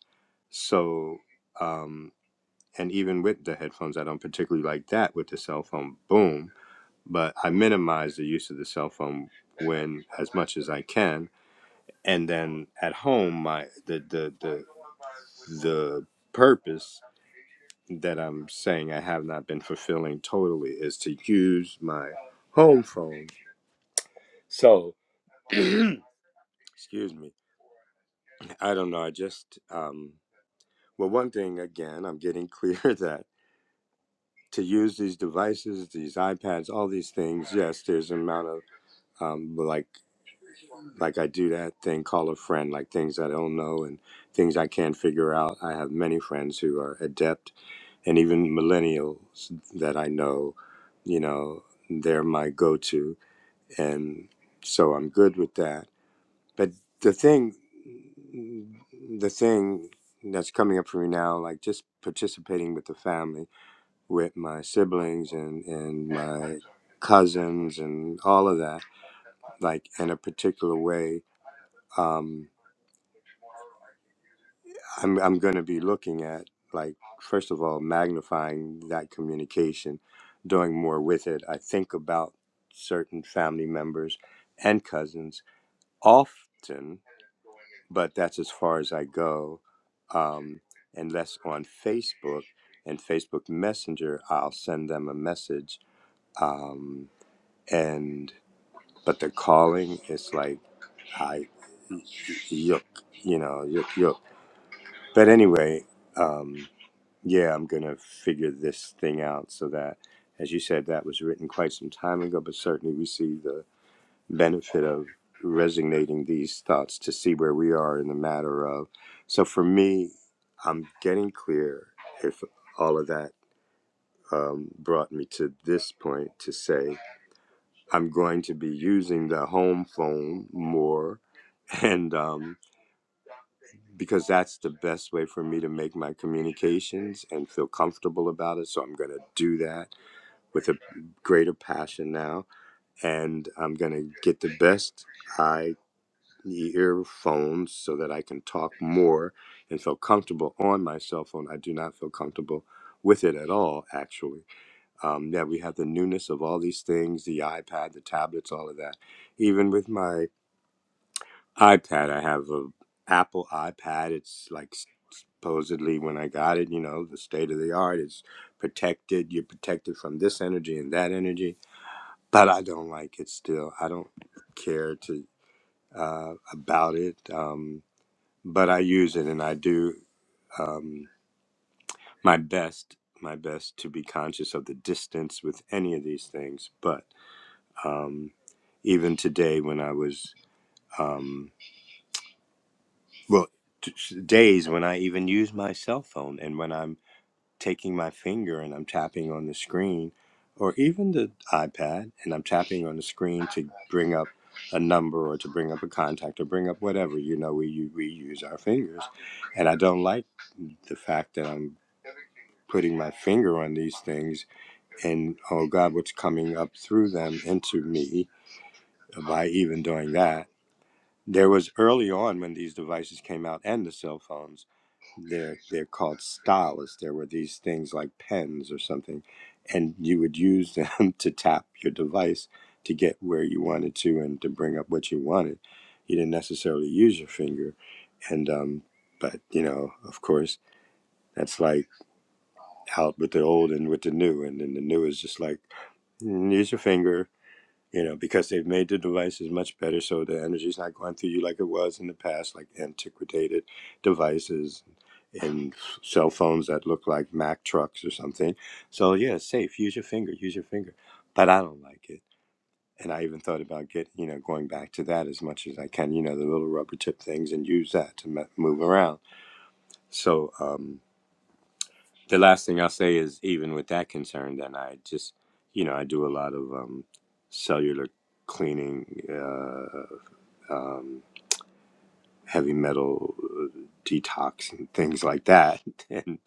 Speaker 3: So um, and even with the headphones, I don't particularly like that with the cell phone. Boom. But I minimize the use of the cell phone when as much as I can and then at home my the the the the purpose that I'm saying I have not been fulfilling totally is to use my home phone. So excuse me. I don't know. I just um well one thing again I'm getting clear that to use these devices, these iPads, all these things, yes, there's an amount of um like like I do that thing call a friend, like things I don't know and things I can't figure out. I have many friends who are adept and even millennials that I know, you know, they're my go to. And so I'm good with that. But the thing, the thing that's coming up for me now, like just participating with the family, with my siblings and, and my cousins and all of that, like in a particular way. Um, I'm I'm going to be looking at like first of all magnifying that communication, doing more with it. I think about certain family members and cousins often, but that's as far as I go. Um, unless on Facebook and Facebook Messenger, I'll send them a message. Um, and but the calling is like I yuck, you know, yuck yuck. But anyway. Um, yeah, I'm going to figure this thing out so that, as you said, that was written quite some time ago, but certainly we see the benefit of resignating these thoughts to see where we are in the matter of. So for me, I'm getting clear if all of that um, brought me to this point to say I'm going to be using the home phone more. And um, because that's the best way for me to make my communications and feel comfortable about it. So I'm going to do that with a greater passion now, and I'm going to get the best I earphones so that I can talk more and feel comfortable on my cell phone. I do not feel comfortable with it at all, actually. Um, yeah, we have the newness of all these things, the iPad, the tablets, all of that. Even with my iPad, I have a Apple iPad. It's like supposedly when I got it, you know, the state of the art. It's protected. You're protected from this energy and that energy but I don't like it still. I don't care to uh, about it, um, but I use it and I do um, my best, my best to be conscious of the distance with any of these things. But um, even today, when I was um, well, t- days when I even use my cell phone and when I'm taking my finger and I'm tapping on the screen, or even the iPad, and I'm tapping on the screen to bring up a number or to bring up a contact or bring up whatever. You know, we u- we use our fingers, and I don't like the fact that I'm putting my finger on these things and oh God, what's coming up through them into me by even doing that there was early on when these devices came out and the cell phones, they're they're called stylus. There were these things like pens or something, and you would use them to tap your device to get where you wanted to and to bring up what you wanted. You didn't necessarily use your finger, and um, but you know, of course, that's like out with the old and with the new, and then the new is just like mm, use your finger you know, because they've made the devices much better so the energy's not going through you like it was in the past, like antiquated devices and cell phones that look like Mack trucks or something. So yeah, it's safe. Use your finger, use your finger. But I don't like it. And I even thought about get you know, going back to that as much as I can, you know, the little rubber tip things and use that to m- move around. So um, the last thing I'll say is even with that concern, then I just, you know, I do a lot of um, cellular cleaning uh, um, heavy metal uh, detox and things like that. And,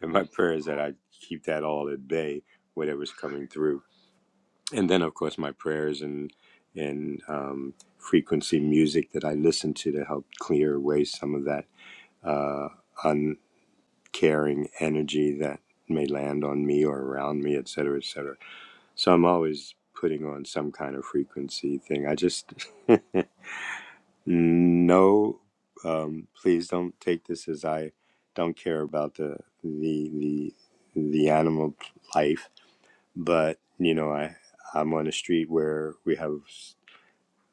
Speaker 3: and my prayer is that I keep that all at bay, whatever's coming through. And then, of course, my prayers and and um, frequency music that I listen to to help clear away some of that uh, uncaring energy that may land on me or around me, et cetera, et cetera. So I'm always putting on some kind of frequency thing. I just No, um, please don't take this as I don't care about the the the the animal life, but you know I I'm on a street where we have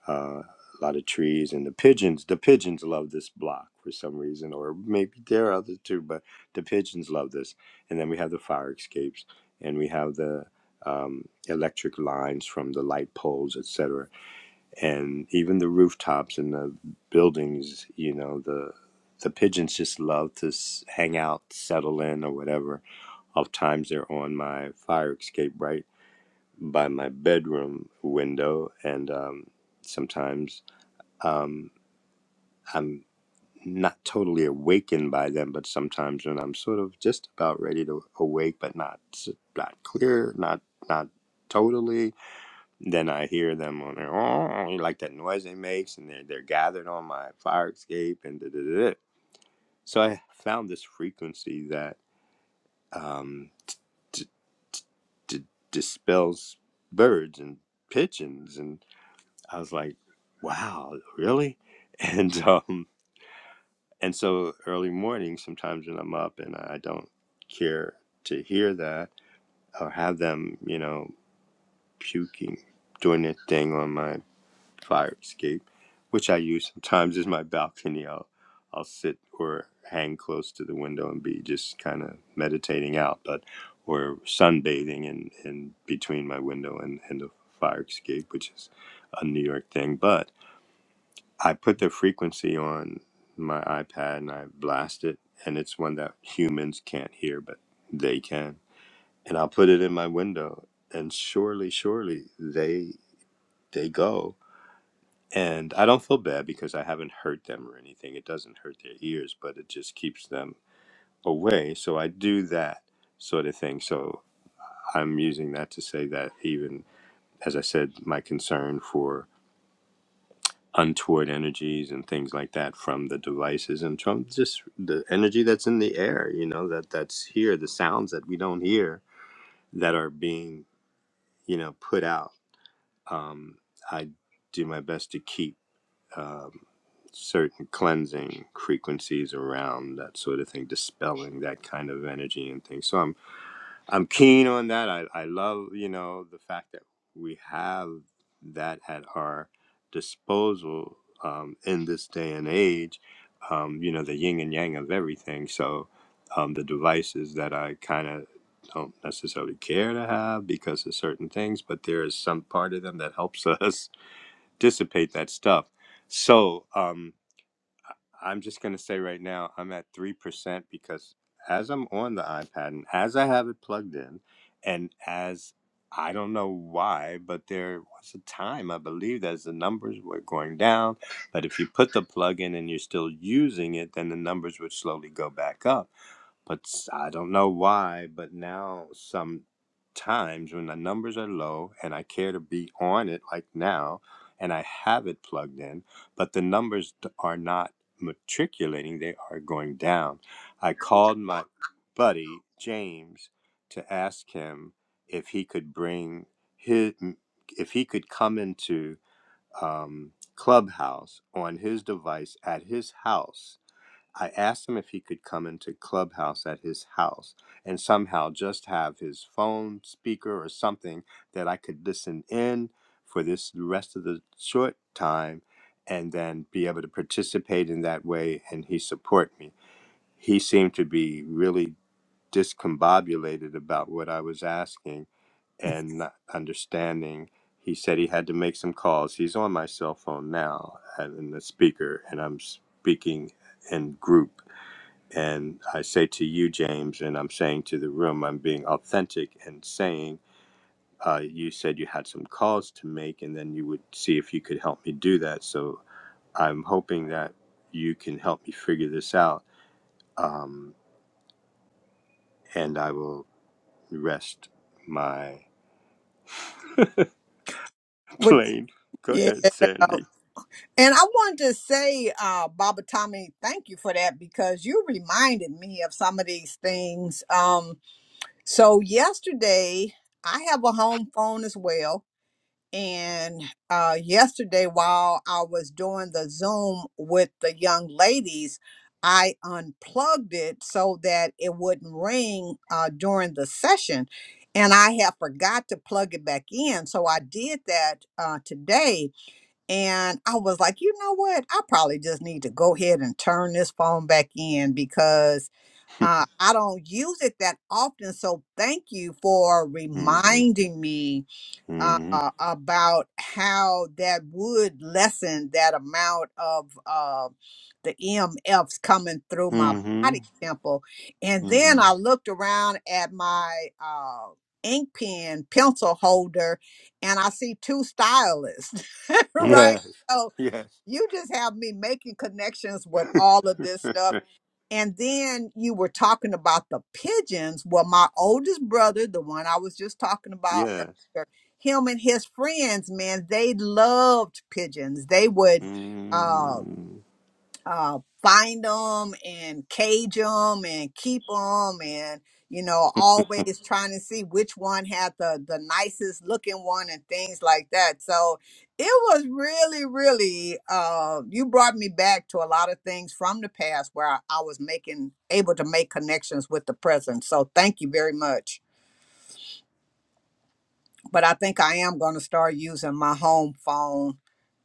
Speaker 3: uh, a lot of trees and the pigeons the pigeons love this block for some reason or maybe there are others too, but the pigeons love this. And then we have the fire escapes and we have the um, electric lines from the light poles, etc and even the rooftops and the buildings you know the the pigeons just love to s- hang out settle in or whatever oftentimes they're on my fire escape right by my bedroom window and um, sometimes um, i'm not totally awakened by them but sometimes when i'm sort of just about ready to awake but not s- not clear not not totally then I hear them on their oh, like that noise they makes, and they're they're gathered on my fire escape, and da da da. da. So I found this frequency that um, d- d- d- dispels birds and pigeons, and I was like, wow, really? And um, and so early morning, sometimes when I'm up and I don't care to hear that or have them, you know, puking, doing their thing on my fire escape, which I use sometimes as my balcony. I'll I'll sit or hang close to the window and be just kind of meditating out, but or sunbathing in, in between my window and, and the fire escape, which is a New York thing. But I put the frequency on my iPad and I blast it, and it's one that humans can't hear, but they can. And I'll put it in my window, and surely, surely they they go. And I don't feel bad because I haven't hurt them or anything. It doesn't hurt their ears, but it just keeps them away. So I do that sort of thing. So I'm using that to say that even, as I said, my concern for untoward energies and things like that from the devices and from just the energy that's in the air, you know, that that's here, the sounds that we don't hear that are being, you know, put out. Um, I do my best to keep. um, certain cleansing frequencies around that sort of thing, dispelling that kind of energy and things. So I'm I'm keen on that. I, I love, you know, the fact that we have that at our disposal um, in this day and age, um, you know, the yin and yang of everything. So um, the devices that I kind of don't necessarily care to have because of certain things, but there is some part of them that helps us dissipate that stuff. So, um, I'm just going to say right now, I'm at 3% because as I'm on the iPad and as I have it plugged in, and as I don't know why, but there was a time I believed as the numbers were going down, but if you put the plug in and you're still using it, then the numbers would slowly go back up. But s- I don't know why, but now sometimes when the numbers are low and I care to be on it like now and I have it plugged in, but the numbers d- are not matriculating, they are going down. I called my buddy James to ask him if he could bring his, if he could come into um, Clubhouse on his device at his house I asked him if he could come into Clubhouse at his house and somehow just have his phone speaker or something that I could listen in for this rest of the short time and then be able to participate in that way and he support me. He seemed to be really discombobulated about what I was asking and not understanding. He said he had to make some calls. He's on my cell phone now and in the speaker and I'm speaking in group and I say to you, James, and I'm saying to the room, I'm being authentic and saying, uh, you said you had some calls to make, and then you would see if you could help me do that. So I'm hoping that you can help me figure this out, and I will rest my
Speaker 2: Would
Speaker 3: plane. Go
Speaker 2: yeah.
Speaker 3: ahead, Sandy.
Speaker 2: And I wanted to say, uh, Baba Tommy, thank you for that because you reminded me of some of these things. Um, so yesterday I have a home phone as well And uh, yesterday, while I was doing the Zoom with the young ladies, I unplugged it so that it wouldn't ring uh, during the session. And I had forgot to plug it back in. So I did that uh, today. And I was like, you know what? I probably just need to go ahead and turn this phone back in because uh, I don't use it that often. So thank you for
Speaker 3: Mm-hmm,
Speaker 2: reminding me uh,
Speaker 3: mm-hmm,
Speaker 2: about how that would lessen that amount of uh, the EMFs coming through my
Speaker 3: mm-hmm,
Speaker 2: body temple. And then
Speaker 3: mm-hmm.
Speaker 2: I looked around at my uh, ink pen pencil holder and I see two stylists, right?
Speaker 3: Yes,
Speaker 2: So
Speaker 3: yes,
Speaker 2: you just have me making connections with all of this stuff and then you were talking about the pigeons. Well, my oldest brother, the one I was just talking about
Speaker 3: yes.
Speaker 2: earlier, him and his friends, man, they loved pigeons. They would uh,
Speaker 3: Mm.
Speaker 2: uh, find them and cage them and keep them and you know always trying to see which one had the the nicest looking one and things like that so it was really really uh you brought me back to a lot of things from the past where i, I was making able to make connections with the present so thank you very much but i think i am going to start using my home phone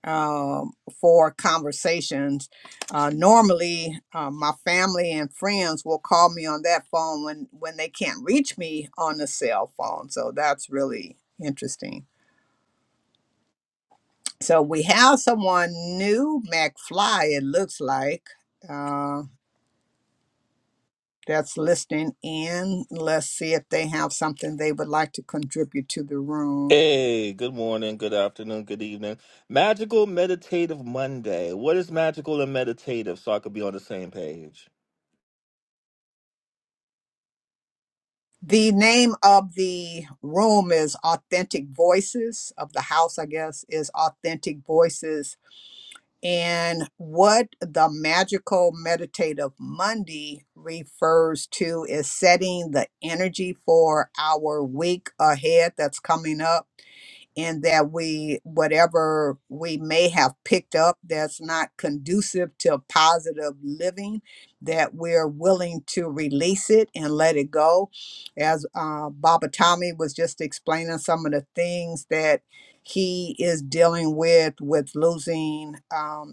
Speaker 2: um, for conversations. Uh, normally, uh, my family and friends will call me on that phone when when they can't reach me on the cell phone. So that's really interesting. So we have someone new, McFly. It looks like. Uh, that's listening in. Let's see if they have something they would like to contribute to the room.
Speaker 4: Hey, good morning, good afternoon, good evening. Magical Meditative Monday. What is magical and meditative so I could be on the same page?
Speaker 2: The name of the room is Authentic Voices of the house, I guess, is Authentic Voices. And what the Magical Meditative Monday refers to is setting the energy for our week ahead that's coming up and that we whatever we may have picked up that's not conducive to positive living that we're willing to release it and let it go as uh, baba tommy was just explaining some of the things that he is dealing with with losing um,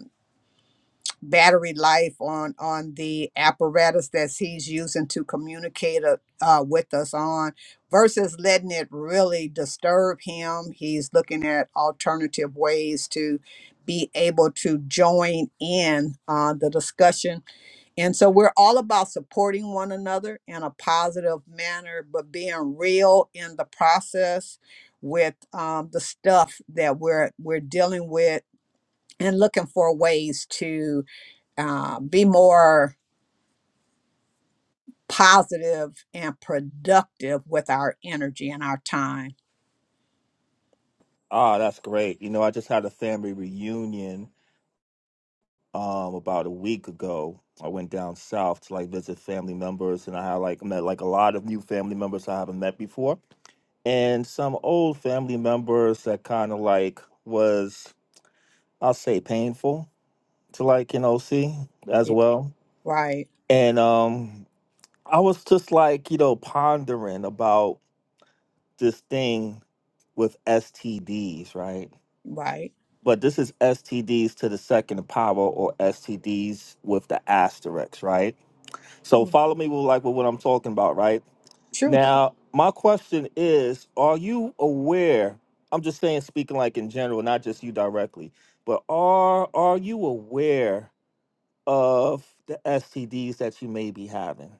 Speaker 2: battery life on on the apparatus that he's using to communicate uh, uh, with us on versus letting it really disturb him he's looking at alternative ways to be able to join in uh, the discussion and so we're all about supporting one another in a positive manner but being real in the process with um, the stuff that we're we're dealing with and looking for ways to uh, be more positive and productive with our energy and our time.
Speaker 4: Ah, that's great. You know, I just had a family reunion um about a week ago. I went down south to like visit family members and I had like met like a lot of new family members I haven't met before and some old family members that kind of like was I'll say painful to like, you know, see as
Speaker 2: Yeah,
Speaker 4: well.
Speaker 2: right,
Speaker 4: And um I was just like, you know, pondering about this thing with STDs, right?
Speaker 2: right.
Speaker 4: But this is STDs to the second power or STDs with the asterisk, right? So
Speaker 2: Mm,
Speaker 4: follow me with like with what I'm talking about, right?
Speaker 2: Sure.
Speaker 4: Now, my question is, are you aware? I'm just saying speaking like in general, not just you directly, but are are you aware of the STDs that you may be having?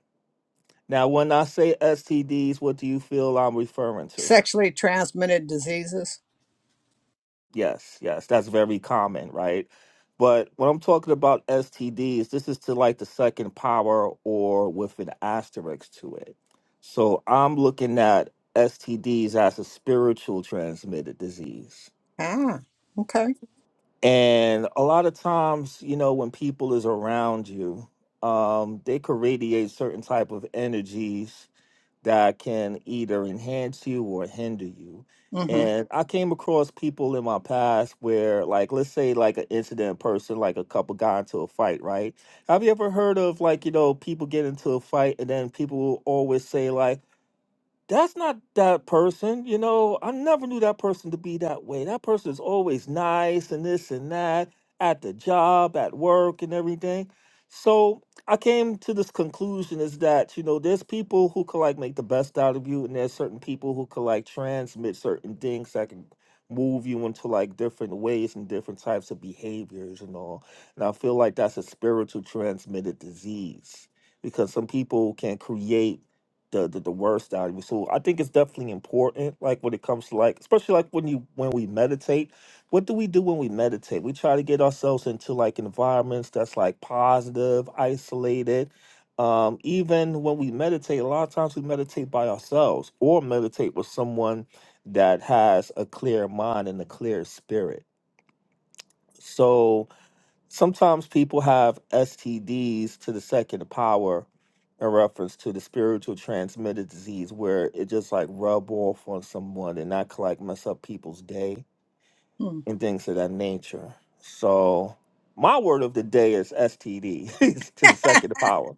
Speaker 4: Now, when I say STDs, what do you feel I'm referring to?
Speaker 2: Sexually transmitted diseases.
Speaker 4: Yes, yes, that's very common, right? But when I'm talking about STDs, this is to like the second power or with an asterisk to it. So I'm looking at STDs as a spiritual transmitted disease.
Speaker 2: Ah, okay.
Speaker 4: And a lot of times, you know, when people is around you, um, they could radiate certain type of energies that can either enhance you or hinder you.
Speaker 2: Mm-hmm.
Speaker 4: And I came across people in my past where, like, let's say, like an incident person, like a couple got into a fight, right? Have you ever heard of like you know people get into a fight and then people will always say like, that's not that person. You know, I never knew that person to be that way. That person is always nice and this and that at the job, at work, and everything. So I came to this conclusion is that, you know, there's people who could like make the best out of you, and there's certain people who could like transmit certain things that can move you into like different ways and different types of behaviors and all. And I feel like that's a spiritual transmitted disease because some people can create the, the the worst out of you. So I think it's definitely important, like when it comes to like, especially like when you when we meditate. What do we do when we meditate? We try to get ourselves into like environments that's like positive, isolated. Um, even when we meditate, a lot of times we meditate by ourselves or meditate with someone that has a clear mind and a clear spirit. So sometimes people have STDs to the second power in reference to the spiritual transmitted disease where it just like rub off on someone and not like mess up people's day
Speaker 2: mm.
Speaker 4: and things of that nature. So my word of the day is STD to the second power,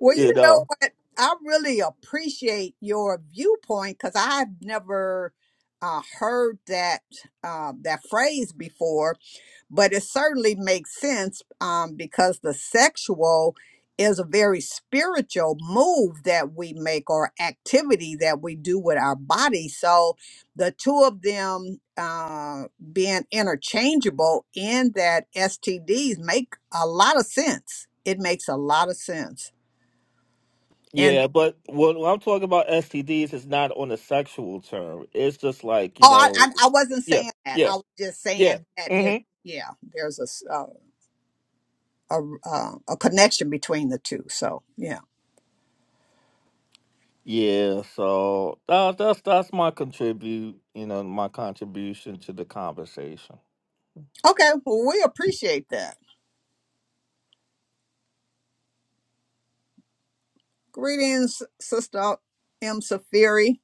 Speaker 2: Well,
Speaker 4: you
Speaker 2: you know
Speaker 4: know?
Speaker 2: what? I really appreciate your viewpoint because I've never uh, heard that uh, that phrase before. but it certainly makes sense um, because the sexual is a very spiritual move that we make or activity that we do with our body. So the two of them uh, being interchangeable in that STDs make a lot of sense. It makes a lot of sense. And
Speaker 4: Yeah, but when when I'm talking about STDs, it's not on a sexual term. It's just like, you
Speaker 2: oh, I, I,
Speaker 4: know,
Speaker 2: I wasn't
Speaker 4: yeah,
Speaker 2: saying that.
Speaker 4: yeah,
Speaker 2: I was just
Speaker 4: yeah.
Speaker 2: saying that it, yeah, there's a, s- uh, a, uh, a connection between the two. So, yeah.
Speaker 4: Yeah, so uh, that's that's my contribute, you know, my contribution to the conversation.
Speaker 2: Okay, well, we appreciate that. Greetings, Sister M. Safiri,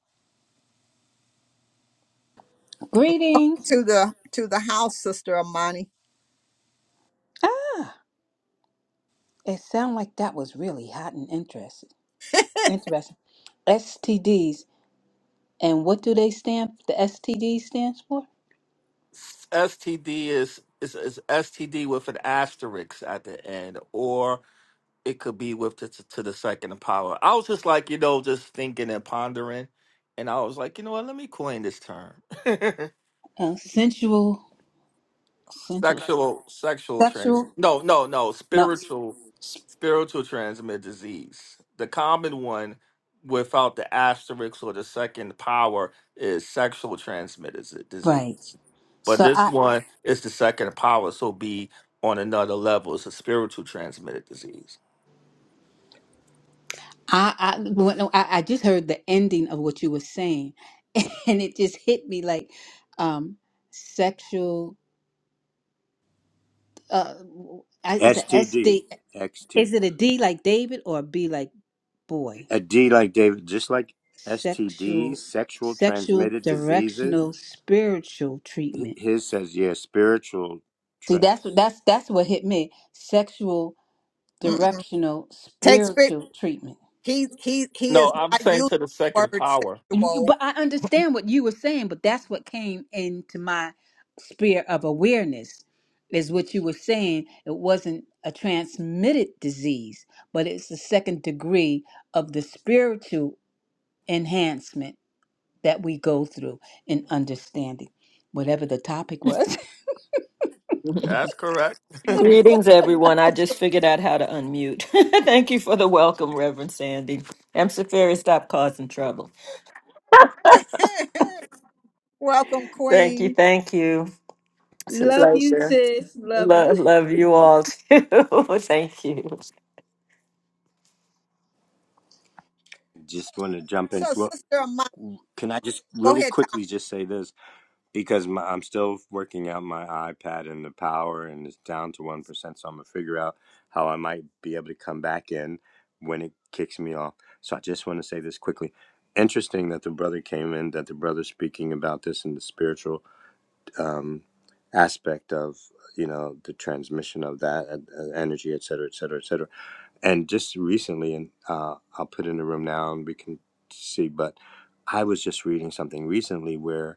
Speaker 5: Greetings.
Speaker 2: to the to the house, Sister Amani.
Speaker 5: Ah, it sounded like that was really hot and interesting. Interesting. STDs. And what do they stand the STD stands for?
Speaker 4: S- STD is, is is STD with an asterisk at the end, or it could be with the, to to the second power. I was just like, you know, just thinking and pondering, and I was like, you know what? Let me coin this term.
Speaker 5: Uh, sensual sensual
Speaker 4: Sexual sexual trans
Speaker 5: sexual
Speaker 4: no no no
Speaker 5: no
Speaker 4: spiritual spiritual transmit disease. The common one without the asterisk or the second power is sexual transmitted z-
Speaker 5: right.
Speaker 4: disease. But
Speaker 5: So
Speaker 4: this
Speaker 5: I
Speaker 4: one is the second power, so be on another level. It's a spiritual transmitted disease.
Speaker 5: I I, well, no, I I just heard the ending of what you were saying and it just hit me like um sexual uh I- it's a SD
Speaker 3: STD,
Speaker 5: is it a D like David or a B like boy?
Speaker 3: A D like David, just like STDs,
Speaker 5: sexual
Speaker 3: sexual
Speaker 5: sexual
Speaker 3: transmitted diseases.
Speaker 5: directional spiritual
Speaker 3: H-
Speaker 5: treatment.
Speaker 3: His says, yeah, spiritual.
Speaker 5: See,
Speaker 3: Tra-
Speaker 5: that's what that's that's what hit me. Sexual
Speaker 2: Mm-mm.
Speaker 5: directional
Speaker 2: Takes fit.
Speaker 5: spiritual treatment.
Speaker 2: He he he
Speaker 4: No,
Speaker 2: is
Speaker 4: I'm
Speaker 2: not
Speaker 4: saying
Speaker 2: using
Speaker 4: to the
Speaker 2: the
Speaker 4: second
Speaker 2: word
Speaker 4: power.
Speaker 5: You-
Speaker 2: sexual.
Speaker 5: But I understand what you were saying, but that's what came into my sphere of awareness is what you were saying. It wasn't a transmitted disease, but it's the second degree of the spiritual enhancement that we go through in understanding whatever the topic was.
Speaker 4: That's correct.
Speaker 6: Greetings, everyone. I just figured out how to unmute. thank you for the welcome, Reverend Sandy. I'm Safari, stop causing trouble.
Speaker 2: Welcome,
Speaker 6: Thank you,
Speaker 2: Queen.
Speaker 6: thank you. It's a
Speaker 5: Love you,
Speaker 6: pleasure.
Speaker 5: sis. Love
Speaker 6: Lo-
Speaker 5: you.
Speaker 6: love you all too. thank you.
Speaker 3: just want to jump in.
Speaker 2: So,
Speaker 3: Well,
Speaker 2: Sister Amani,
Speaker 3: can I just
Speaker 2: go
Speaker 3: really
Speaker 2: ahead,
Speaker 3: quickly
Speaker 2: Tommy.
Speaker 3: just say this because my, I'm still working out my iPad and the power, and it's down to one percent. So I'm gonna figure out how I might be able to come back in when it kicks me off. So I just want to say this quickly. Interesting that the brother came in, that the brother speaking about this in the spiritual um, aspect of you know the transmission of that uh, uh, energy, et cetera, et cetera, et cetera. And just recently, and uh, I'll put in the room now, and we can see. But I was just reading something recently where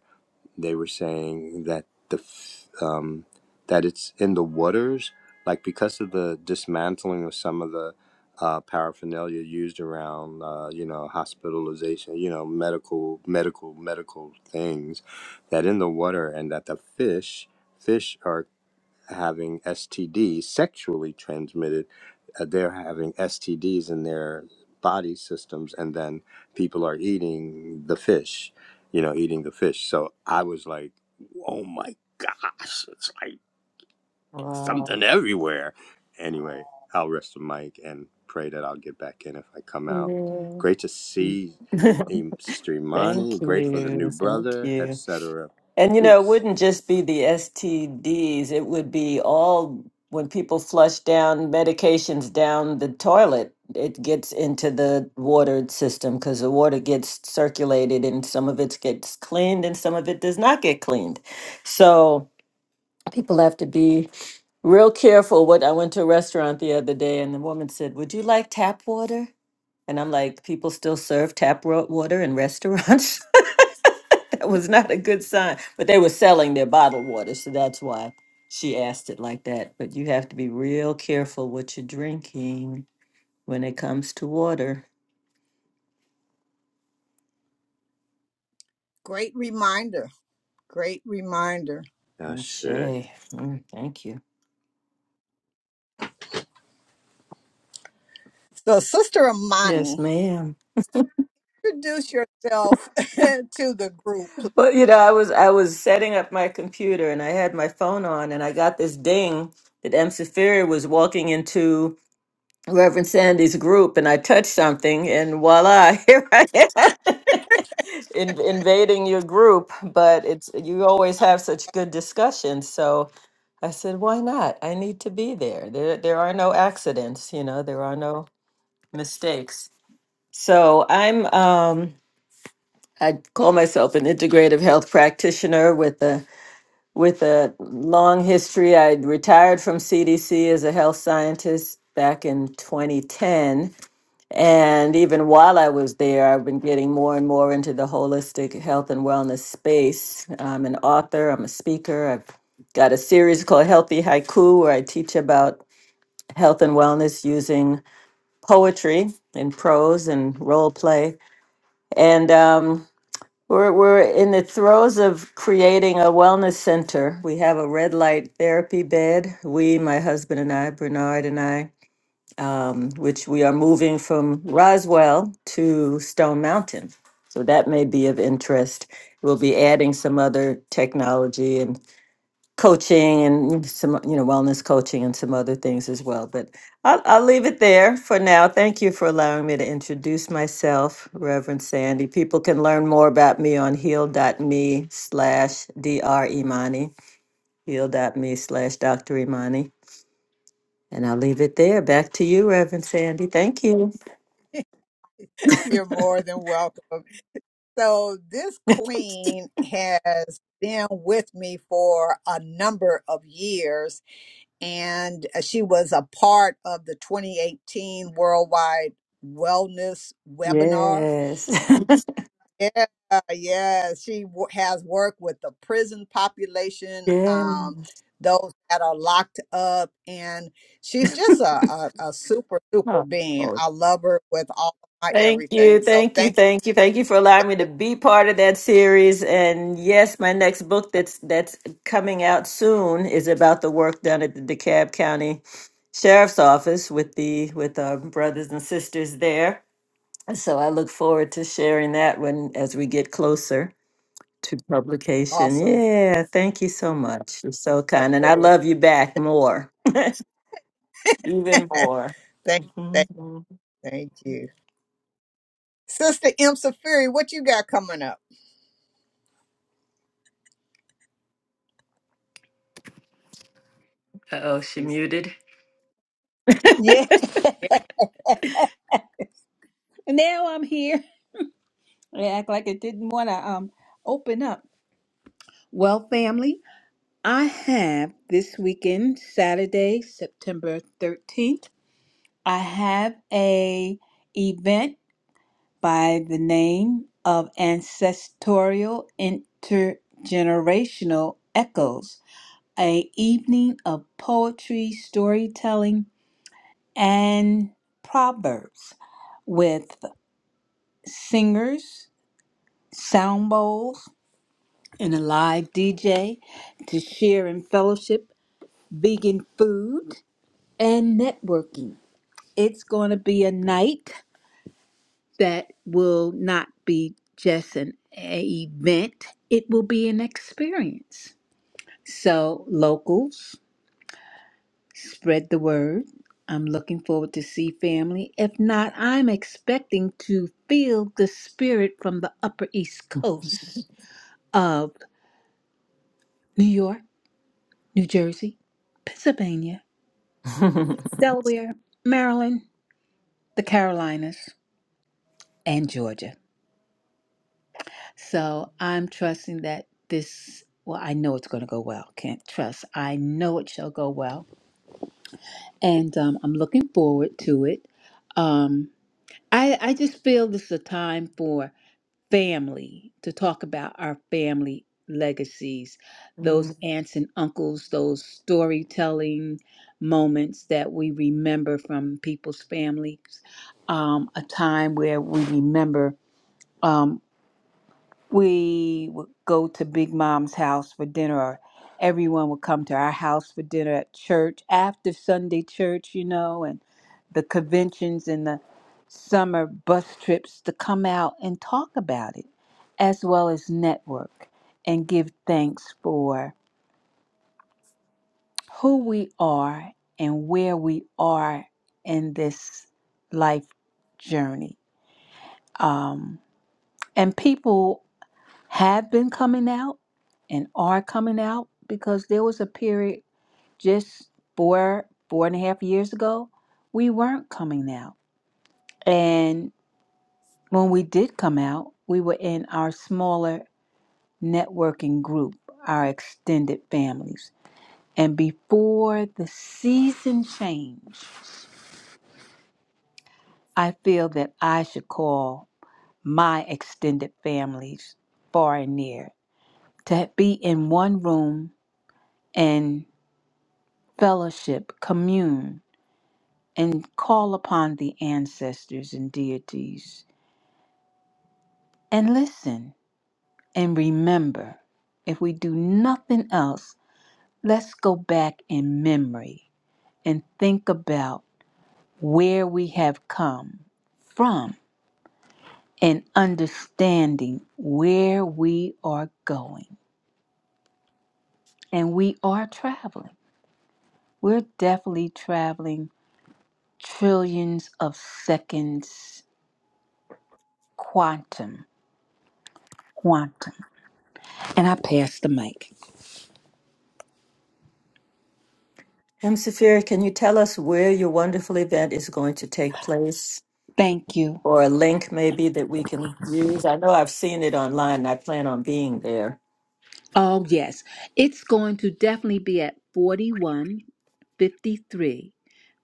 Speaker 3: they were saying that the f- um, that it's in the waters, like because of the dismantling of some of the uh, paraphernalia used around, uh, you know, hospitalization, you know, medical, medical, medical things, that in the water, and that the fish, fish are having STDs, sexually transmitted. Uh, they're having STDs in their body systems, and then people are eating the fish, you know, eating the fish. So I was like, oh my gosh, it's like
Speaker 6: Wow.
Speaker 3: something everywhere. Anyway, I'll rest the mic and pray that I'll get back in if I come out.
Speaker 6: Yeah.
Speaker 3: Great to see Im- Sister Imani,
Speaker 6: thank
Speaker 3: great for the
Speaker 6: you,
Speaker 3: new
Speaker 6: thank
Speaker 3: brother,
Speaker 6: you.
Speaker 3: etc.
Speaker 6: And you know, it
Speaker 3: Peace.
Speaker 6: wouldn't just be the STDs, it would be all when people flush down medications down the toilet, it gets into the water system because the water gets circulated and some of it gets cleaned and some of it does not get cleaned. So people have to be real careful. What I went to a restaurant the other day and the woman said, Would you like tap water? And I'm like, people still serve tap ro- water in restaurants. that was not a good sign. But they were selling their bottled water, so that's why she asked it like that. But you have to be real careful what you're drinking when it comes to water.
Speaker 2: Great reminder. Great reminder.
Speaker 6: Oh,
Speaker 3: Ashe.
Speaker 6: Shay, mm, thank you.
Speaker 2: So, Sister
Speaker 6: Yes,
Speaker 2: Amani,
Speaker 6: ma'am.
Speaker 2: introduce yourself to the group.
Speaker 6: Well, you know, I was I was setting up my computer and I had my phone on and I got this ding that M. Safiri was walking into Reverend Sandy's group and I touch something and voila, here I am in, invading your group. But it's you always have such good discussions. So I said, why not? I need to be there. There there are no accidents, you know, there are no mistakes. So I'm um I call myself an integrative health practitioner with a with a long history. I retired from CDC as a health scientist back in 2010 and even while I was there, I've been getting more and more into the holistic health and wellness space. I'm an author, I'm a speaker. I've got a series called Healthy Haiku, where I teach about health and wellness using poetry and prose and role play. And um, we're, we're in the throes of creating a wellness center. We have a red light therapy bed, we, my husband and I, Bernard and I um, which we are moving from Roswell to Stone Mountain. So that may be of interest. We'll be adding some other technology and coaching and some, you know, wellness coaching and some other things as well. But I'll, I'll leave it there for now. Thank you for allowing me to introduce myself, Reverend Sandy. People can learn more about me on heal.me slash Dr. Imani, heal.me slash Dr. Imani. And I'll leave it there. Back to you, Reverend Sandy. Thank you.
Speaker 2: please. You're more than welcome. So, this queen has been with me for a number of years, and uh, she was a part of the 2018 Worldwide Wellness Webinar.
Speaker 6: Yes.
Speaker 2: Yeah, yeah, she wo- has worked with the prison population,
Speaker 6: yes.
Speaker 2: um, those that are locked up, and she's just a, a, a super, super
Speaker 6: Oh,
Speaker 2: being.
Speaker 6: Lord.
Speaker 2: I love her with all my
Speaker 6: thank you.
Speaker 2: everything. So,
Speaker 6: Thank you.
Speaker 2: thank you.
Speaker 6: Thank you. Thank you for allowing me to
Speaker 2: Yeah.
Speaker 6: be part of that series. And yes, my next book that's that's coming out soon is about the work done at the DeKalb County Sheriff's Office with the with our brothers and sisters there. And So I look forward to sharing that when as we get closer to publication.
Speaker 2: Awesome.
Speaker 6: Yeah, thank you so much. You're so kind. And I love you back more. Even more.
Speaker 2: Thank you. Thank,
Speaker 6: Mhm.
Speaker 2: thank you. Sister M. Safiri, what you got coming up?
Speaker 6: Uh-oh, she
Speaker 2: She's
Speaker 6: muted.
Speaker 5: Yeah. Now I'm here. I act like it didn't want to um open up. Well, family, I have this weekend, Saturday, September 13th, I have a event by the name of Ancestorial Intergenerational Echoes, a evening of poetry, storytelling, and proverbs with singers, sound bowls, and a live DJ to share in fellowship, vegan food, and networking. It's going to be a night that will not be just an event, it will be an experience. So, locals, spread the word. I'm looking forward to see family. If not, I'm expecting to feel the spirit from the Upper East Coast of New York New Jersey, Pennsylvania, Delaware, Maryland, the Carolinas, and Georgia. So I'm trusting that this, well, I know it's going to go well. Can't trust. I know it shall go well. And um, I'm looking forward to it. Um, I, I just feel this is a time for. family to talk about our family legacies, those
Speaker 6: Mm.
Speaker 5: aunts and uncles, those storytelling moments that we remember from people's families, um, a time where we remember. Um, we would go to Big Mom's house for dinner, or everyone would come to our house for dinner at church after Sunday church, you know, and the conventions and the summer bus trips to come out and talk about it, as well as network and give thanks for who we are and where we are in this life journey. Um, and people have been coming out and are coming out because there was a period just four, four and a half years ago, we weren't coming out. And when we did come out, we were in our smaller networking group, our extended families. And before the season change, I feel that I should call my extended families far and near to be in one room and. fellowship, commune, and call upon the ancestors and deities. And listen and remember if we do nothing else, let's go back in memory and think about where we have come from and understanding where we are going. And we are traveling. We're definitely traveling trillions of seconds quantum, quantum. And I pass the mic.
Speaker 6: M. Safir, can you tell us where your wonderful event is going to take place?
Speaker 5: Thank you.
Speaker 6: Or a link maybe that we can use? I know I've seen it online and I plan on being there.
Speaker 5: Oh, yes. It's going to definitely be at 4153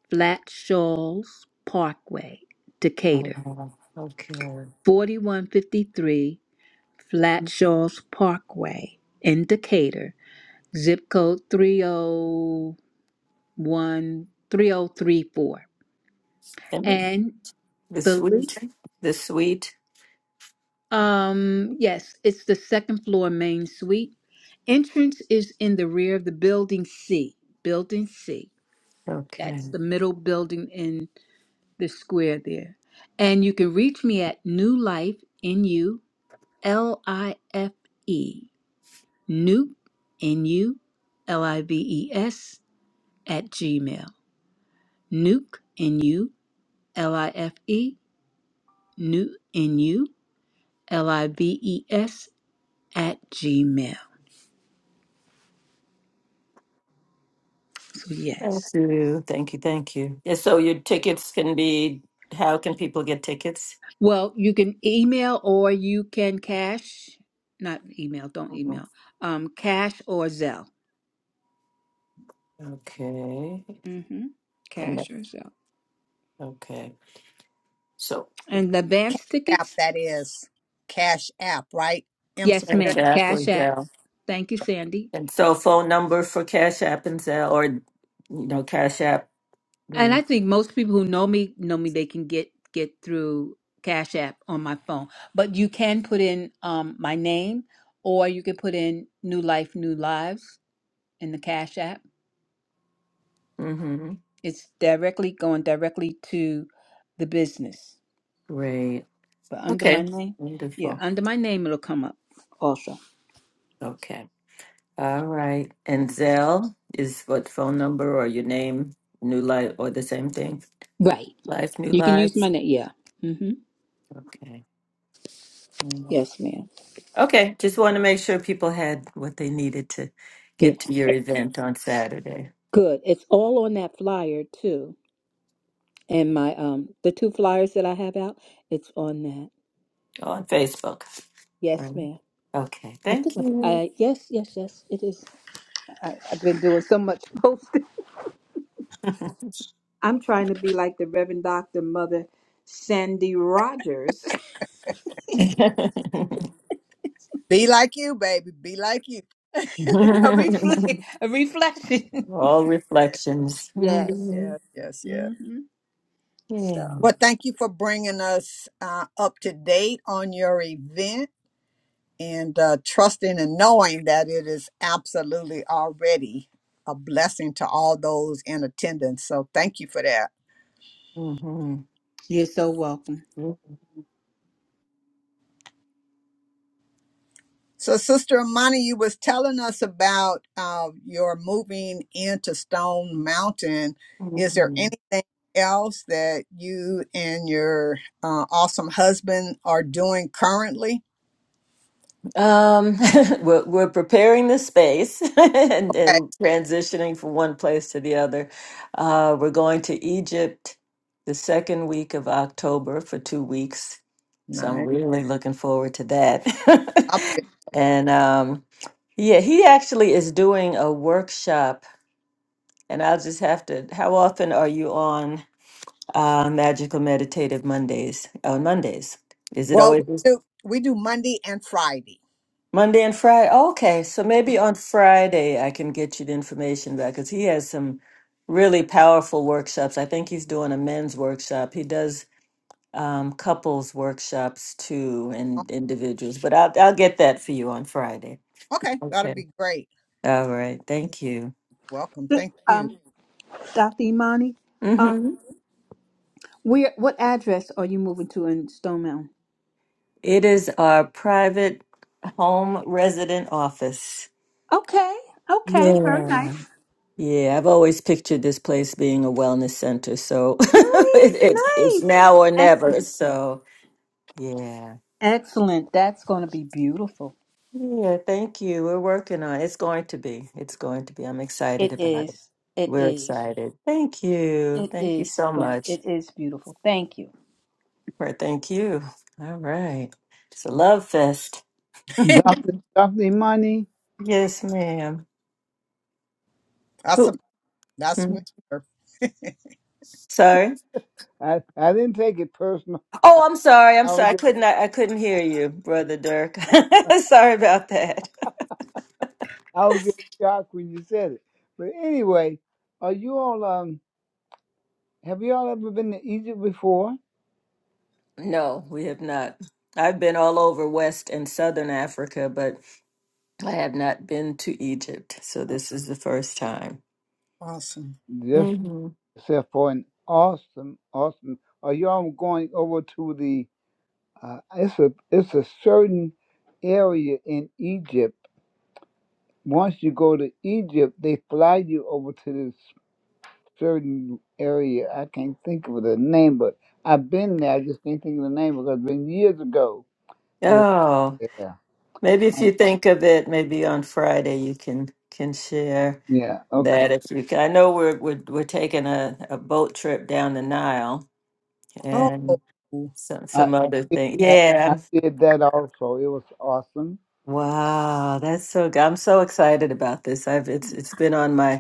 Speaker 5: Flat Shoals Parkway, Decatur.
Speaker 6: Um, okay.
Speaker 5: 4153 Flat Shoals Parkway in Decatur. Zip code three zero one three zero three four.
Speaker 6: And
Speaker 5: And
Speaker 6: the
Speaker 5: the link.
Speaker 6: suite? The suite?
Speaker 5: Um, yes, it's the second floor main suite. Entrance is in the rear of the building C. Building C.
Speaker 6: Okay.
Speaker 5: That's the middle building in the square there. And you can reach me at New Life N U L I F E. Nuke N U L I V E S at Gmail. Nuke N U L I F E Nuke N U L I V E S at Gmail. So
Speaker 6: Thank
Speaker 5: yes.
Speaker 6: you. Thank you. Thank you. Yeah, so your tickets can be, how can people get tickets?
Speaker 5: Well, you can email or you can cash. Not email, don't
Speaker 6: Mhm.
Speaker 5: email. Um, cash or Zelle.
Speaker 6: Okay.
Speaker 5: Mm-hmm.
Speaker 6: And then,
Speaker 5: Cash or Zelle.
Speaker 6: okay. So,
Speaker 5: And the
Speaker 2: Cash
Speaker 5: advance
Speaker 2: App,
Speaker 5: tickets?
Speaker 2: that is. Cash App, right? M.
Speaker 5: Yes,
Speaker 2: Safiri.
Speaker 5: ma'am. Cash app.
Speaker 6: exactly.
Speaker 5: Thank you, Sandy.
Speaker 6: And so phone number for Cash App and Zelle, or you know, Cash App.
Speaker 5: And
Speaker 6: We
Speaker 5: I think most people who know me know me. They can get get through Cash App on my phone. But you can put in um my name, or you can put in New Life, New Lives in the Cash App.
Speaker 6: mm-hmm.
Speaker 5: It's directly going directly to the business.
Speaker 6: Great.
Speaker 5: But under my
Speaker 6: Okay.
Speaker 5: name, yeah,
Speaker 6: Wonderful.
Speaker 5: under my name it'll come up also.
Speaker 6: Okay. All right. And Zelle is what phone number or your name, New Life, or the same thing.
Speaker 5: Right.
Speaker 6: Life, New
Speaker 5: You can use
Speaker 6: Lives.
Speaker 5: my name. Yeah. Mm-hmm.
Speaker 6: Okay. Mm.
Speaker 5: Yes, ma'am.
Speaker 6: Okay. Just want to make sure people had what they needed to
Speaker 5: Yeah.
Speaker 6: get to your
Speaker 5: It-
Speaker 6: event on Saturday
Speaker 5: Good. It's all on that flyer too, and my um the two flyers that I have out. It's on that.
Speaker 6: on Facebook. All
Speaker 5: Yes,
Speaker 6: right.
Speaker 5: ma'am.
Speaker 6: Okay.
Speaker 5: I think
Speaker 6: Thank
Speaker 5: I,
Speaker 6: you.
Speaker 5: I yes, yes, yes. It is. I, I've been doing so much posting. I'm trying to be like the Reverend Doctor Mother Sandy Rogers.
Speaker 2: Be like you, baby. Be like you.
Speaker 5: a reflection. A reflection.
Speaker 6: All
Speaker 2: Yes,
Speaker 6: reflections.
Speaker 5: Yes.
Speaker 6: Mhm.
Speaker 2: yes, yes. yes.
Speaker 5: Mm-hmm. So.
Speaker 6: Yeah.
Speaker 2: Well, thank you for bringing us uh, up to date on your event and uh, trusting and knowing that it is absolutely already a blessing to all those in attendance. So, thank you for that.
Speaker 6: hmm
Speaker 5: You're so welcome.
Speaker 2: So, Sister Amani, you was telling us about uh, your moving into Stone Mountain. Is there
Speaker 6: Mhm.
Speaker 2: anything else that you and your uh, awesome husband are doing currently?
Speaker 6: Um, we're, we're preparing the space and,
Speaker 2: Okay,
Speaker 6: and transitioning from one place to the other. Uh, we're going to Egypt the second week of October for two weeks. So I'm
Speaker 2: nice.
Speaker 6: really looking forward to that. and um, yeah, he actually is doing a workshop, and I'll just have to. How often are you on? Uh, Magical Meditative Mondays. On Mondays. Is it
Speaker 2: Well, we
Speaker 6: always this-
Speaker 2: do we do Monday and Friday.
Speaker 6: Monday and Friday? okay, so
Speaker 2: Mm.
Speaker 6: maybe on Friday I can get you the information back because he has some really powerful workshops. I think he's doing a men's workshop. He does um, couples workshops too
Speaker 2: Oh,
Speaker 6: and individuals, but I'll, I'll get that for you on Friday.
Speaker 2: Okay, that'll
Speaker 6: Okay.
Speaker 2: be great.
Speaker 6: All right.
Speaker 2: You're
Speaker 6: Thank you.
Speaker 2: Welcome. Thank you.
Speaker 5: Um, Dr. Imani, um,
Speaker 6: Mm-hmm.
Speaker 5: where what address are you moving to in Stone Mountain?
Speaker 6: It is our private home resident office.
Speaker 5: Okay, okay, very
Speaker 6: Yeah.
Speaker 5: nice.
Speaker 6: Yeah, I've always pictured this place being a wellness center, so
Speaker 5: Nice,
Speaker 6: it, it, it's
Speaker 5: nice.
Speaker 6: now or never.
Speaker 5: Excellent.
Speaker 6: So, yeah.
Speaker 5: Excellent. That's gonna be beautiful.
Speaker 6: Yeah, thank you. We're working on it. It's going to be. It's going to be. I'm
Speaker 5: It
Speaker 6: excited about it.
Speaker 5: is. It
Speaker 6: We're
Speaker 5: is.
Speaker 6: excited. Thank you.
Speaker 5: It
Speaker 6: Thank you
Speaker 5: is
Speaker 6: so
Speaker 5: going
Speaker 6: much.
Speaker 5: it is beautiful. Thank you.
Speaker 6: Right, Thank you. All right. It's a love fest.
Speaker 1: Dr. Dr. Imani,
Speaker 6: Yes, ma'am.
Speaker 2: That's
Speaker 6: Who?
Speaker 2: a, that's
Speaker 6: hmm,
Speaker 2: Mr.
Speaker 6: Sorry.
Speaker 1: I, I didn't take it personal.
Speaker 6: Oh, I'm sorry. I'm
Speaker 1: I was
Speaker 6: sorry. I
Speaker 1: just,
Speaker 6: couldn't. I, I couldn't hear you, brother Dirk. sorry about that.
Speaker 1: I was just shocked when you said it. But anyway, are you all um have you all ever been to Egypt before?
Speaker 6: No, we have not. I've been all over West and Southern Africa, but I have not been to Egypt. So this is the first time.
Speaker 2: awesome.
Speaker 1: Just
Speaker 6: hmm
Speaker 1: except for an awesome, awesome. Are you all going over to the? Uh, it's a it's a certain area in Egypt Once you go to Egypt, they fly you over to this certain area. I can't think of the name, but I've been there. I just can't think of the name because it's been years ago. that-
Speaker 6: Oh,
Speaker 1: Yeah.
Speaker 6: maybe if you think of it, maybe on Friday you can can share
Speaker 1: Yeah. Okay.
Speaker 6: that if you can. I know we're we're, we're taking a, a boat trip down the Nile
Speaker 2: Oh,
Speaker 6: and
Speaker 2: oh,
Speaker 6: some
Speaker 1: I I
Speaker 6: some other
Speaker 1: did
Speaker 6: thing.
Speaker 1: that.
Speaker 6: Yeah.
Speaker 1: I
Speaker 6: I'm-
Speaker 1: did that also. It was awesome.
Speaker 6: Wow, that's so good. I'm so excited about this. I've it's it's been on my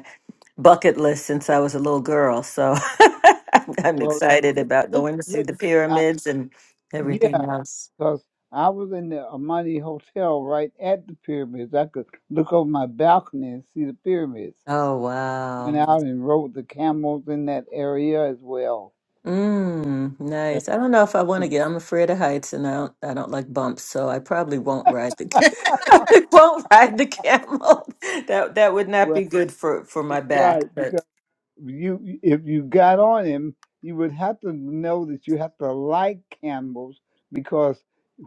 Speaker 6: bucket list since I was a little girl. So I'm
Speaker 1: Well,
Speaker 6: excited about
Speaker 1: look,
Speaker 6: going to see
Speaker 1: look,
Speaker 6: the
Speaker 1: I,
Speaker 6: pyramids and everything
Speaker 1: yeah,
Speaker 6: else.
Speaker 1: because I was in the Amani Hotel right at the pyramids. I could look over my balcony and see the pyramids.
Speaker 6: Oh
Speaker 1: And
Speaker 6: wow.
Speaker 1: out and rode the camels in that area as well.
Speaker 6: Mm, nice. I don't know if I want to get. I'm afraid of heights and I don't I don't like bumps, so I probably won't ride the
Speaker 2: right
Speaker 6: I won't ride the camel. That that would not
Speaker 1: Right,
Speaker 6: be good for for
Speaker 1: yeah,
Speaker 6: my back.
Speaker 1: right.
Speaker 6: But
Speaker 1: Because you, if you got on him, you would have to know that you have to like Campbell's because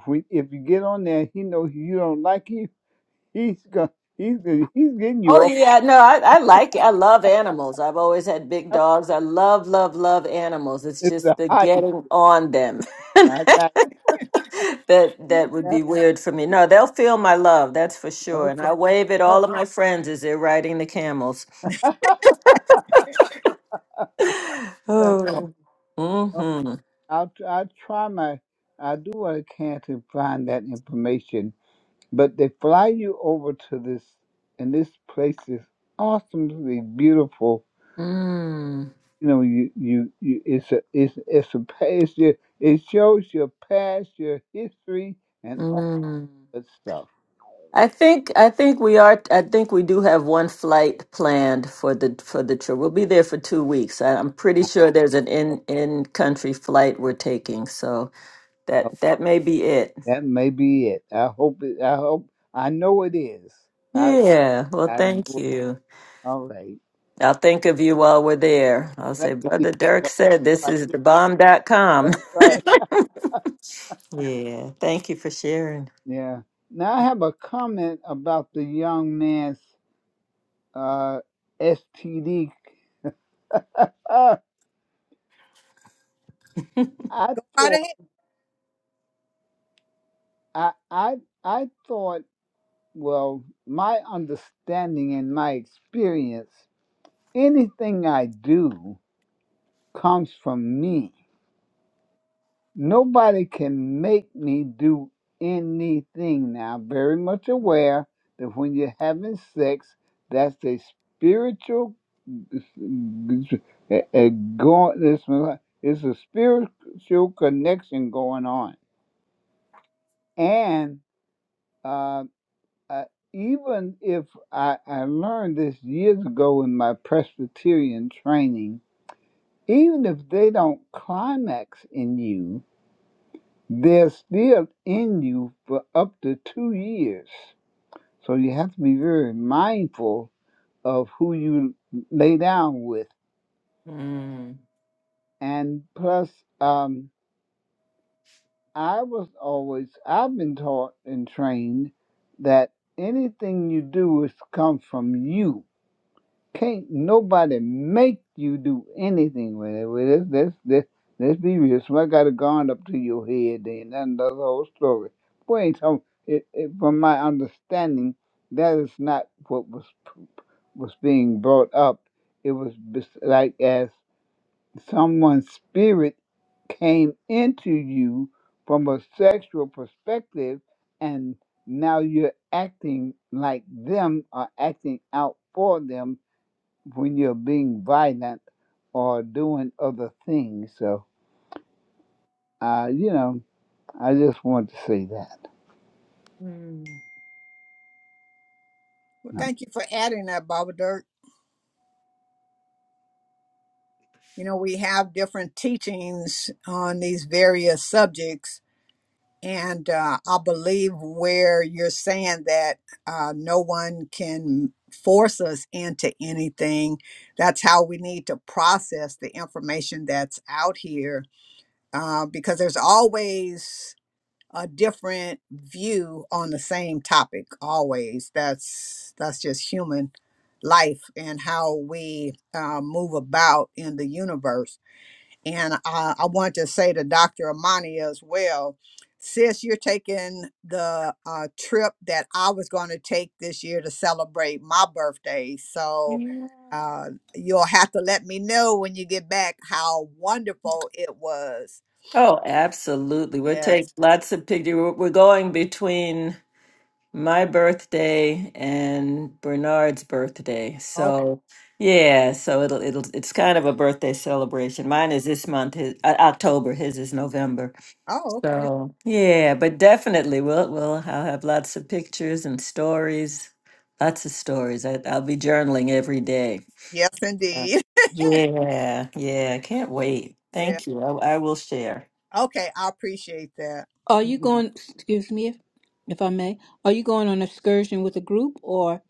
Speaker 1: when, if you get on there, he knows you don't like him. He's gonna, he's gonna, he's getting you
Speaker 6: Oh yeah, no, I, I like it. I love animals. I've always had big
Speaker 1: off.
Speaker 6: dogs. I love, love, love animals. It's
Speaker 1: It's the
Speaker 6: just the
Speaker 1: height.
Speaker 6: getting on them.
Speaker 1: I got.
Speaker 6: That that
Speaker 1: It. I
Speaker 6: would
Speaker 1: got it.
Speaker 6: be weird for me. No, they'll feel my love, that's for sure. And
Speaker 1: Okay.
Speaker 6: I wave at
Speaker 1: Oh,
Speaker 6: all of my friends as they're riding the camels.
Speaker 1: that's all.
Speaker 6: Oh.
Speaker 1: Okay.
Speaker 6: Mm-hmm.
Speaker 1: I'll, tr- I'll try my. I do what I can to find that information, but they fly you over to this, and this place is awesomely beautiful
Speaker 6: Mm.
Speaker 1: you know you you, you it's a it's it's a past your it shows your past your history and all
Speaker 6: Mm.
Speaker 1: that stuff
Speaker 6: I think I think we are I think we do have one flight planned for the for the trip. We'll be there for two weeks. I, I'm pretty sure there's an in in country flight we're taking. So
Speaker 1: Oh,
Speaker 6: that that may be it.
Speaker 1: that may be it i hope it i hope i know it is i
Speaker 6: Yeah. Well,
Speaker 1: i know
Speaker 6: thank
Speaker 1: it.
Speaker 6: you.
Speaker 1: all right
Speaker 6: I'll think of you while we're there. I'll
Speaker 1: thank
Speaker 6: say,
Speaker 1: you
Speaker 6: Brother Dirk said this is the bomb dot com."
Speaker 1: that's right
Speaker 6: yeah. Thank you for sharing.
Speaker 1: yeah now i have a comment about the young man's uh std uh, i
Speaker 2: ahead.
Speaker 1: thought i i i thought well my understanding and my experience Anything I do comes from me. Nobody can make me do anything. Now, I'm very much aware that when you're having sex, that's a spiritual a, a going. It's, it's a spiritual connection going on, and uh, uh, even if I, I learned this years ago in my Presbyterian training Even if they don't climax in you, they're still in you for up to two years. So you have to be very mindful of who you lay down with.
Speaker 6: Mm.
Speaker 1: And plus, um, I was always, I've been taught and trained that anything you do is come from you Can't nobody make you do anything with it. Well, let's, let's, let's, let's be real. Somebody got a gun up to your head, then that's the whole story. Boy, ain't talking, it, it, from my understanding, that is not what was p- was being brought up. It was bes- like as someone's spirit came into you from a sexual perspective, and now you're acting like them or acting out for them when you're being violent or doing other things. So, uh, you know, I just want to say that.
Speaker 6: Mm.
Speaker 2: Well, thank you for adding that, Baba Dirk. You know, we have different teachings on these various subjects, And uh, I believe where you're saying that uh, no one can force us into anything, that's how we need to process the information that's out here uh, because there's always a different view on the same topic always that's that's just human life and how we uh, move about in the universe and I, I want to say to Dr. Amani as well, sis, you're taking the uh, trip that I was going to take this year to celebrate my birthday. So
Speaker 6: Yeah.
Speaker 2: uh, you'll have to let me know when you get back how wonderful it was.
Speaker 6: Oh, absolutely. We'll
Speaker 2: Yes.
Speaker 6: take lots of pictures. We're we're going between my birthday and Bernard's birthday.
Speaker 2: Okay.
Speaker 6: So, yeah, so it'll it'll it's kind of a birthday celebration. Mine is this month, his, uh, October, his is November.
Speaker 2: Oh, okay.
Speaker 6: So yeah, but definitely we'll we'll I'll have lots of pictures and stories, lots of stories. I, I'll be journaling every day.
Speaker 2: Yes,
Speaker 6: So,
Speaker 2: indeed.
Speaker 6: Yeah, yeah, can't wait.
Speaker 2: Yeah.
Speaker 6: Thank you. I, I will share.
Speaker 2: Okay. I appreciate that.
Speaker 5: Are you
Speaker 6: Mhm.
Speaker 5: going excuse me if, if I may, are you going on excursion with a group or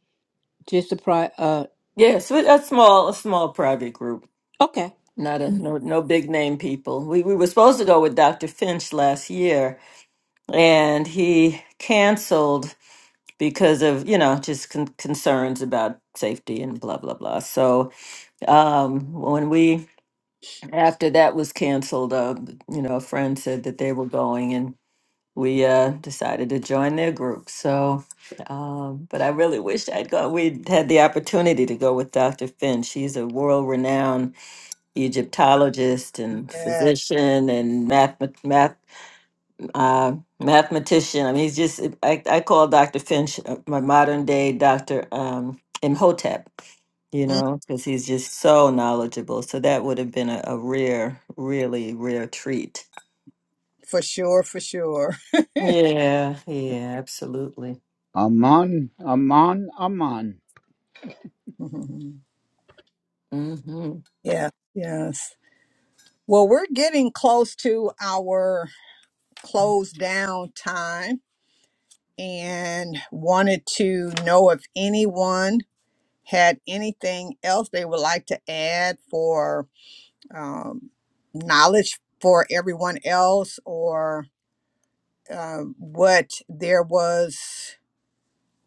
Speaker 5: just a pri uh
Speaker 6: Yes, with a small a small private group,
Speaker 5: okay.
Speaker 6: not a no no big name people. We we were supposed to go with Dr. Finch last year, and he canceled because of you know just con- concerns about safety and blah blah blah. So Um, when we, after that was canceled, uh, you know, a friend said that they were going and we uh, decided to join their group. So, um, but I really wish I'd gone. We'd had the opportunity to go with Dr. Finn. She's a world renowned Egyptologist and
Speaker 2: Yes.
Speaker 6: physician and math, math uh, mathematician. I mean, he's just, I, I call Dr. Finch uh, my modern day Dr. Um, Imhotep, you
Speaker 2: Mm,
Speaker 6: know, because he's just so knowledgeable. So that would have been a, a rare, really rare treat.
Speaker 2: for sure. For sure.
Speaker 6: Yeah, yeah, absolutely.
Speaker 1: Aman, aman, aman.
Speaker 6: Mm-hmm.
Speaker 2: yeah. Yes. Well, we're getting close to our close down time and wanted to know if anyone had anything else they would like to add for um, knowledge for everyone else or um what there was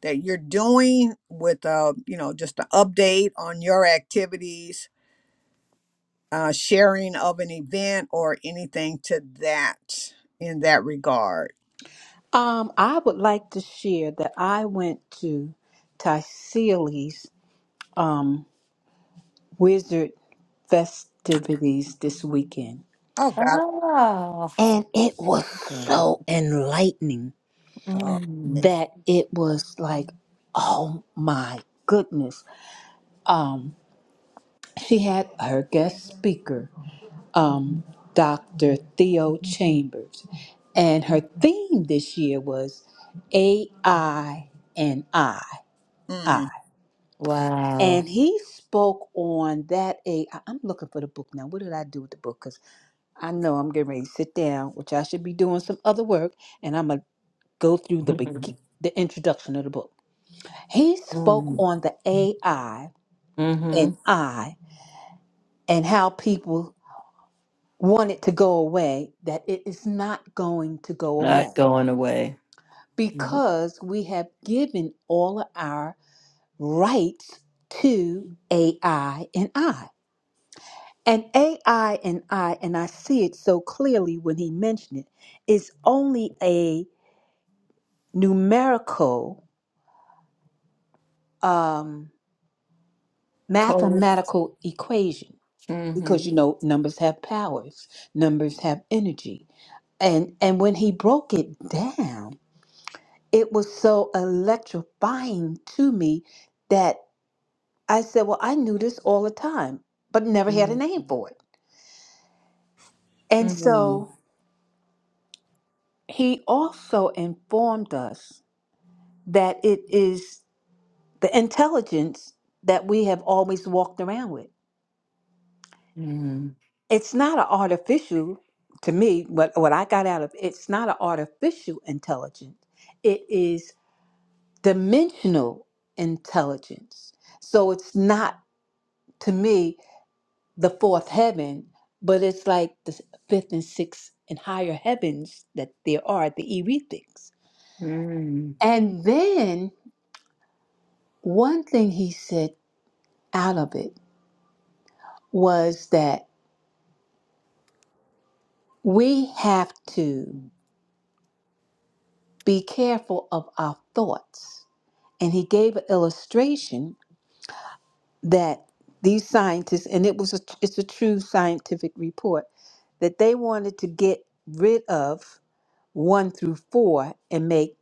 Speaker 2: that you're doing with uh, you know just an update on your activities uh, sharing of an event or anything to that in that regard
Speaker 5: Um, I would like to share that I went to Tyseali's um wizard festivities this weekend.
Speaker 2: oh god
Speaker 6: Oh,
Speaker 5: And it was so enlightening
Speaker 2: uh,
Speaker 6: mm,
Speaker 5: that it was like, oh my goodness. Um, she had her guest speaker, um, Dr. Theo Chambers. And her theme this year was AI and I.
Speaker 2: mm,
Speaker 6: wow.
Speaker 5: and he spoke on that a I- i'm looking for the book now what did i do with the book because i know i'm getting ready to sit down which i should be doing some other work and i'm gonna go through the begi- the introduction of the book he spoke
Speaker 6: mm-hmm.
Speaker 5: on the ai and i and how people want it to go away that it is not going to go away
Speaker 6: Not going away. Nope.
Speaker 5: because we have given all of our rights to ai and i And AI and I, and I see it so clearly when he mentioned it, is only a numerical, um,
Speaker 6: Coast.
Speaker 5: mathematical equation because
Speaker 6: Mm-hmm.
Speaker 5: you know numbers have powers, numbers have energy, and and when he broke it down, it was so electrifying to me that I said, "Well, I knew this all the time, but never had a name
Speaker 6: Mm-hmm.
Speaker 5: for it." And so he also informed us that it is the intelligence that we have always walked around with.
Speaker 6: Mm-hmm.
Speaker 5: It's not an artificial, to me, what, what I got out of it's not an artificial intelligence. It is dimensional intelligence. So it's not, to me, the fourth heaven, but it's like the fifth and sixth and higher heavens that there are, the erethics.
Speaker 6: Mm,
Speaker 5: And then one thing he said out of it was that We have to be careful of our thoughts. And he gave an illustration that these scientists, and it was a, it's a true scientific report, that they wanted to get rid of one through four and make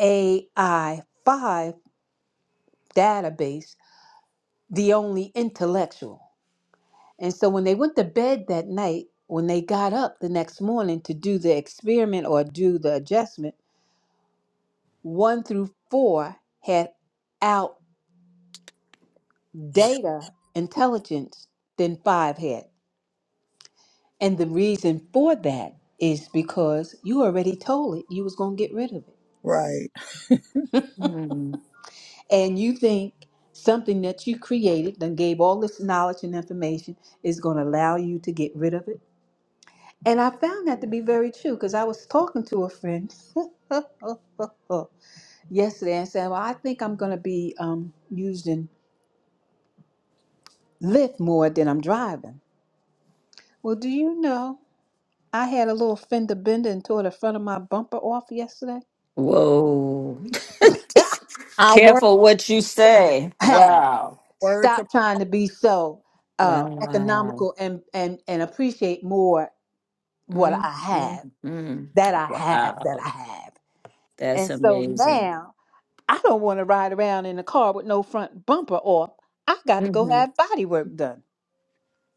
Speaker 5: AI five database the only intellectual. And so when they went to bed that night, when they got up the next morning to do the experiment or do the adjustment, 1 through 4 had out data intelligence than 5 had. And the reason for that is because you already told it you was going to get rid of it.
Speaker 2: right
Speaker 6: mm.
Speaker 5: And you think something that you created and gave all this knowledge and information is going to allow you to get rid of it. And I found that to be very true because I was talking to a friend yesterday and said, Well, I think I'm going to be um, using Lyft more than I'm driving. Well, do you know I had a little fender bender and tore the front of my bumper off yesterday?
Speaker 6: Whoa.
Speaker 2: Our word,
Speaker 6: Careful what you say.
Speaker 2: that's the
Speaker 5: Hey,
Speaker 6: Wow.
Speaker 2: word
Speaker 5: stop
Speaker 2: to
Speaker 5: trying to be so uh,
Speaker 6: Wow.
Speaker 5: economical and, and and appreciate more what
Speaker 6: Mm,
Speaker 5: I
Speaker 6: mm,
Speaker 5: have
Speaker 6: mm.
Speaker 5: that I have that
Speaker 6: Wow.
Speaker 5: I have.
Speaker 6: That's
Speaker 5: And so
Speaker 6: amazing.
Speaker 5: now I don't want to ride around in a car with no front bumper off. I got to go
Speaker 6: hmm
Speaker 5: have body work done.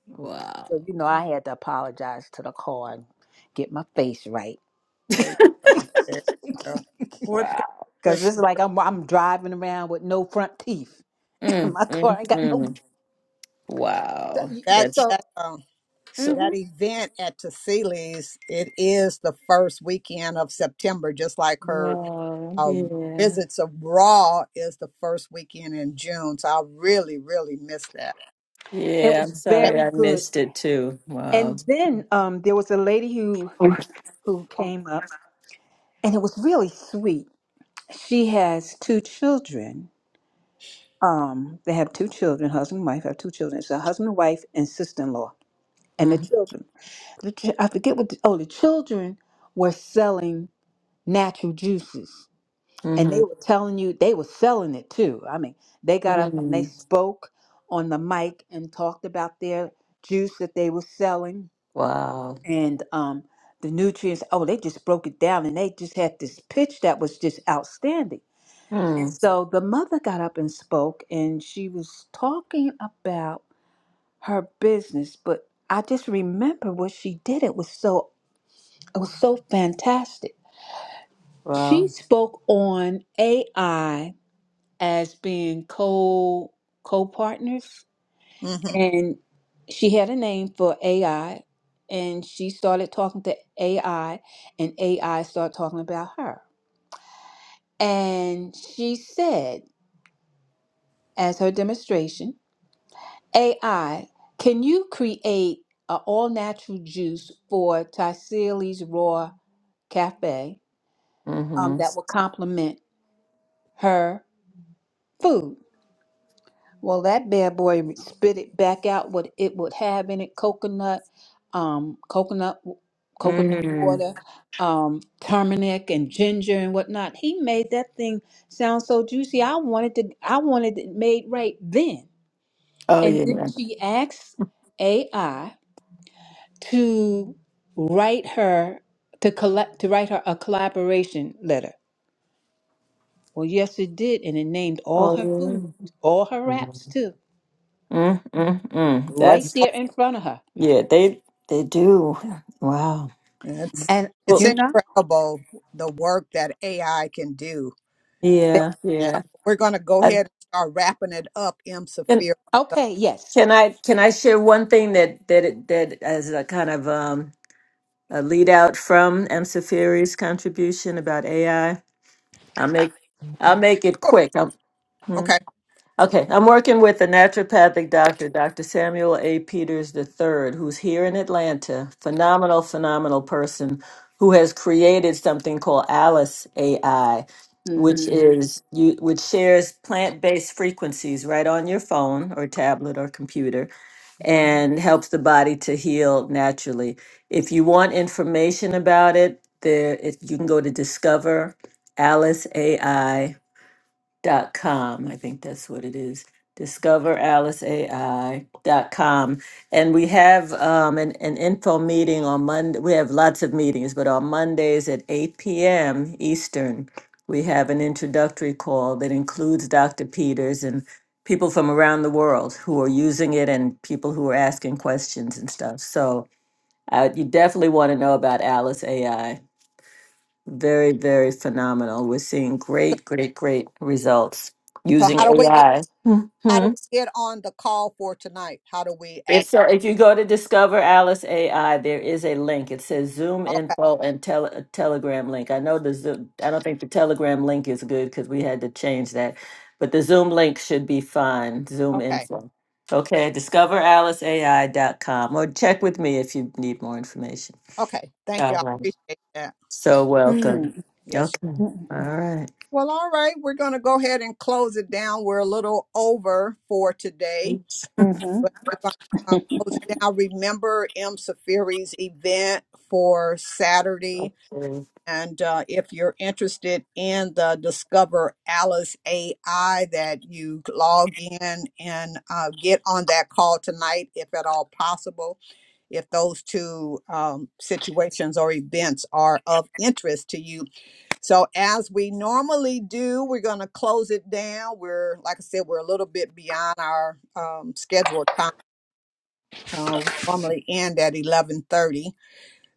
Speaker 6: Wow.
Speaker 5: So you know I had to apologize to the car and get my face right.
Speaker 2: there you go. There you go. Well, thank
Speaker 6: Wow.
Speaker 2: for
Speaker 5: Cause
Speaker 2: sh-
Speaker 5: it's like I'm I'm driving around with no front teeth. in
Speaker 6: Mm,
Speaker 5: My
Speaker 6: mm,
Speaker 5: car ain't got no.
Speaker 6: mm.
Speaker 5: So,
Speaker 6: Wow.
Speaker 5: you- you-
Speaker 2: that
Speaker 6: That's
Speaker 5: so,
Speaker 2: that um
Speaker 6: so.
Speaker 5: mhm.
Speaker 2: that event at Tassili's, it is the first weekend of September, just like her
Speaker 6: Wow.
Speaker 2: uh,
Speaker 6: Yeah.
Speaker 2: visits of Raw is the first weekend in June. So I really, really miss that.
Speaker 5: it
Speaker 6: Yeah.
Speaker 5: was
Speaker 6: I'm sorry.
Speaker 5: very
Speaker 6: I
Speaker 5: good.
Speaker 6: missed it too. Wow.
Speaker 5: And then um, there was a lady who
Speaker 6: Mm-hmm.
Speaker 5: who came up, and it was really sweet. She has two children. Um, they have two children, husband and wife have two children. It's a husband and wife and sister in law, and the children. The, chi- I forget what. The, oh, the children were selling natural juices. and
Speaker 6: Mm-hmm.
Speaker 5: they were telling you they were selling it too. I mean, they got up and they
Speaker 6: Mm-hmm.
Speaker 5: spoke on the mic and talked about their juice that they were selling
Speaker 6: Wow.
Speaker 5: and um, the nutrients. Oh, they just broke it down and they just had this pitch that was just outstanding. And
Speaker 6: Mm.
Speaker 5: so the mother got up and spoke and she was talking about her business, but I just remember what she did. It was so it was so fantastic. She
Speaker 6: Wow.
Speaker 5: spoke on AI as being co co-partners
Speaker 2: Mm-hmm.
Speaker 5: and she had a name for AI and she started talking to AI and AI started talking about her. And she said as her demonstration, AI, can you create an all-natural juice for Taisili's Raw Cafe
Speaker 6: Hmm.
Speaker 5: um, that will complement her food? Well, that bad boy spit it back out what it would have in it: coconut, um, coconut, w- coconut
Speaker 6: Mm.
Speaker 5: water, um, turmeric and ginger and whatnot. He made that thing sound so juicy. I wanted to, I wanted it made right then.
Speaker 6: Oh
Speaker 5: And then
Speaker 6: yeah.
Speaker 5: she asked AI to write her to collect to write her a collaboration letter. Well, yes, it did, and it named all
Speaker 6: Oh
Speaker 5: her food,
Speaker 6: yeah.
Speaker 5: all her wraps
Speaker 6: Mm,
Speaker 5: too,
Speaker 6: mm, mm.
Speaker 5: right
Speaker 6: That's
Speaker 5: there in front of her.
Speaker 6: yeah. They they do. Wow.
Speaker 2: It's
Speaker 5: And
Speaker 2: it's
Speaker 5: you
Speaker 6: Well,
Speaker 5: know,
Speaker 2: incredible the work that AI can do.
Speaker 5: that-
Speaker 6: yeah,
Speaker 2: Yeah,
Speaker 6: yeah.
Speaker 2: we're gonna go
Speaker 6: I,
Speaker 2: ahead and start wrapping it up, M.
Speaker 6: can
Speaker 2: Safir.
Speaker 5: okay, yes.
Speaker 6: can I can I share one thing that that it- that as a kind of um a lead out from M. Safiri's contribution about AI? I'll make I'll make it
Speaker 2: Sure.
Speaker 6: quick.
Speaker 2: Okay.
Speaker 6: Okay, I'm working with a naturopathic doctor, Dr. Samuel A. Peters III, who's here in Atlanta. Phenomenal, phenomenal person who has created something called Alice AI, which
Speaker 5: Mm-hmm.
Speaker 6: is you which shares plant-based frequencies right on your phone or tablet or computer and helps the body to heal naturally. If you want information about it, there it, you can go to discover dot com. I think that's what it is. Discover Alice AI dot com, And we have um, an, an info meeting on Monday. We have lots of meetings, but on Mondays at 8 p.m. Eastern, we have an introductory call that includes Dr. Peters and people from around the world who are using it and people who are asking questions and stuff. So uh, you definitely want to know about Alice AI very, very phenomenal. We're seeing great, great, great results
Speaker 2: So
Speaker 6: using
Speaker 2: how do we get?
Speaker 6: AI.
Speaker 2: How
Speaker 6: hmm
Speaker 2: do we get on the call for tonight? How do we
Speaker 6: If
Speaker 2: ask?
Speaker 6: so, if you go to Discover Alice AI, there is a link. It says Zoom
Speaker 2: Okay,
Speaker 6: info and tele, a Telegram link. I know the Zoom. I don't think the Telegram link is good because we had to change that, but the Zoom link should be fine. Zoom
Speaker 2: okay,
Speaker 6: info. Okay, discover alice a i dot com or check with me if you need more information.
Speaker 2: okay. Thank you.
Speaker 6: All
Speaker 2: I
Speaker 6: right.
Speaker 2: appreciate that.
Speaker 6: So welcome.
Speaker 5: Mm-hmm.
Speaker 2: Yes.
Speaker 6: Okay. All right.
Speaker 2: Well, all right. We're going to go ahead and close it down. We're a little over for today, but we're going to uh, close it down. Remember M. Safiri's event for Saturday.
Speaker 6: something.
Speaker 2: And uh, if you're interested in the Discover Alice AI, that you log in and uh, get on that call tonight, if at all possible. If those two um, situations or events are of interest to you. So, as we normally do, we're going to close it down. We're, like I said, we're a little bit beyond our um, scheduled time. Uh, we normally end at 11:30.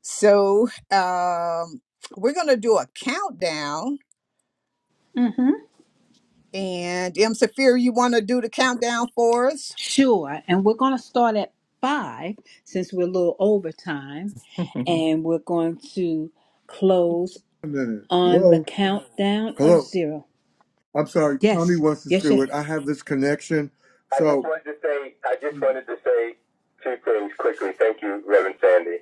Speaker 2: So um, we're going to do a countdown.
Speaker 5: Mm-hmm.
Speaker 2: And M. Safir, you want to do the countdown for us?
Speaker 5: Sure. And we're going to start at five since we're a little over time. And we're going to close
Speaker 7: a minute.
Speaker 5: on the
Speaker 7: Hello?
Speaker 5: countdown of
Speaker 7: Hello?
Speaker 5: zero.
Speaker 7: I'm sorry. Tommy
Speaker 5: Yes.
Speaker 7: wants us to
Speaker 5: Yes,
Speaker 7: do it.
Speaker 5: yes.
Speaker 7: I have this connection. I just So, wanted to say, I just wanted to say two things quickly. Thank you, Reverend Sandy.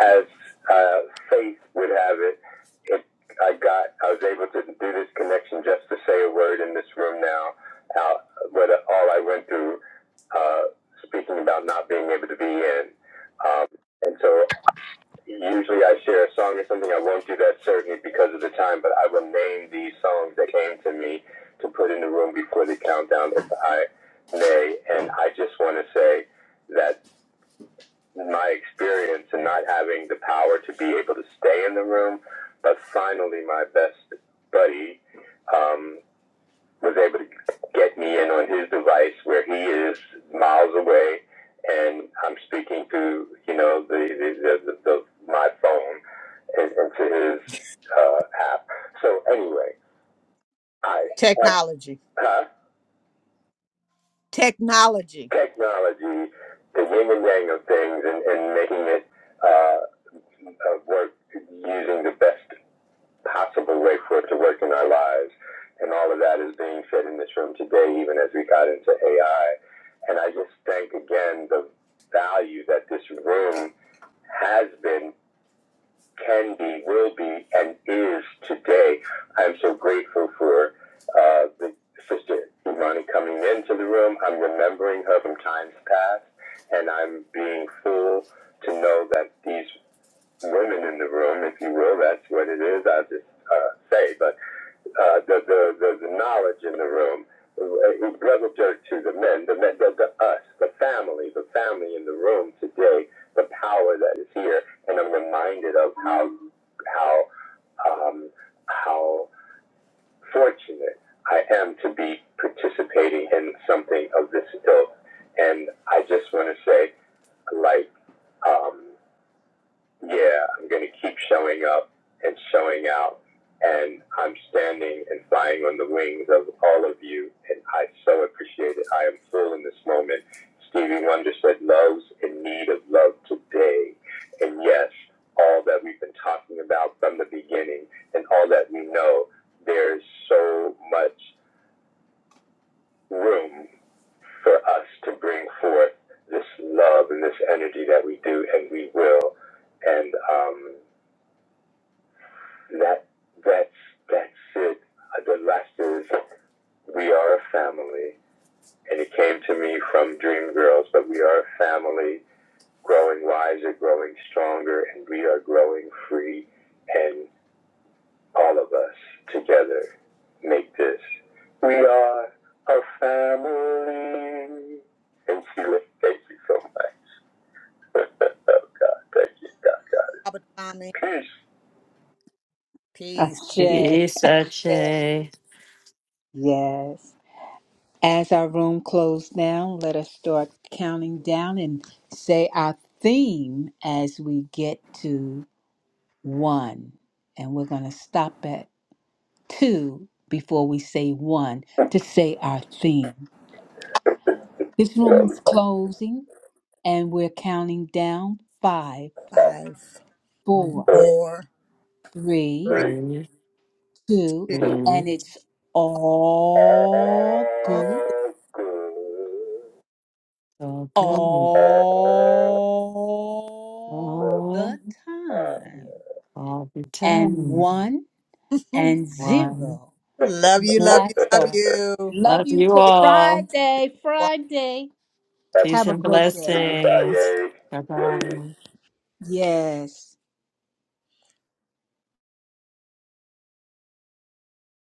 Speaker 7: As uh, faith would have it, it, I got, I was able to do this connection just to say a word in this room now. Uh, what all I went through, uh, speaking about not being able to be in. Um, and so Usually I share a song or something. I won't do that certainly because of the time, but I will name these songs that came to me to put in the room before the countdown if I may. And I just want to say that my experience in not having the power to be able to stay in the room, but finally my best buddy um, was able to get me in on his device where he is miles away and I'm speaking to, you know, the, the, the, the, my phone and, into his uh, app. So anyway, I, I uh,
Speaker 2: Technology.
Speaker 7: huh?
Speaker 2: Technology.
Speaker 7: technology, the yin and yang of things, and, and making it uh, uh, work using the best possible way for it to work in our lives. And all of that is being said in this room today, even as we got into AI. And I just thank again the value that this room has been, can be, will be, and is today. I'm so grateful for uh, the sister Imani coming into the room. I'm remembering her from times past, and I'm being full to know that these women in the room, if you will. That's what it is. I'll just uh, say, but uh, the, the, the the knowledge in the room. He brotherhood to the men, the men, the, the us, the family, the family in the room today. The power that is here, and I'm reminded of how how um, how fortunate I am to be participating in something of this ilk. And I just want to say, like. Um, yeah, I'm going to keep showing up and showing out. And I'm standing and flying on the wings of all of you. And I so appreciate it. I am full in this moment. Stevie Wonder said, Love's in need of love today. And yes, all that we've been talking about from the beginning and all that we know, there's so much room for us to bring forth this love and this energy that we do, and we will. And um, That that's that's it. Uh, The rest is we are a family, and it came to me from Dream Girls that we are a family, growing wiser, growing stronger, and we are growing free, and all of us together make this. We are a family. And she you, thank you so much. Oh God, thank you, God, God.
Speaker 2: Robert Tommy,
Speaker 7: Peace.
Speaker 2: peace.
Speaker 6: it
Speaker 5: Ashe.
Speaker 6: is such
Speaker 5: Ashe.
Speaker 6: a
Speaker 5: Yes. As our room closed down, let us start counting down and say our theme as we get to. one. And we're going to stop at two before we say one to say our theme. This room
Speaker 7: One,
Speaker 5: is
Speaker 7: two,
Speaker 5: closing and we're counting down five,
Speaker 7: three,
Speaker 2: Five,
Speaker 5: four,
Speaker 7: two.
Speaker 6: wonderful
Speaker 2: four,
Speaker 5: three,
Speaker 2: three,
Speaker 6: thing.
Speaker 5: two,
Speaker 2: two,
Speaker 5: and
Speaker 6: to
Speaker 5: it's
Speaker 7: That's
Speaker 5: all
Speaker 2: one.
Speaker 5: good
Speaker 6: So good
Speaker 5: all
Speaker 6: all,
Speaker 5: the time.
Speaker 6: all the
Speaker 5: And
Speaker 6: time.
Speaker 5: one and
Speaker 6: One.
Speaker 5: zero.
Speaker 2: Love you, love you,
Speaker 5: Last
Speaker 2: love
Speaker 5: off. Love
Speaker 6: Love
Speaker 5: you
Speaker 6: you
Speaker 5: till
Speaker 2: you.
Speaker 6: all.
Speaker 5: Friday, Friday.
Speaker 6: Peace
Speaker 5: Have a
Speaker 6: and
Speaker 5: great
Speaker 7: G
Speaker 5: day.
Speaker 7: Friday.
Speaker 6: blessings. Bye
Speaker 7: Yay. yay.
Speaker 6: bye.
Speaker 5: Yes.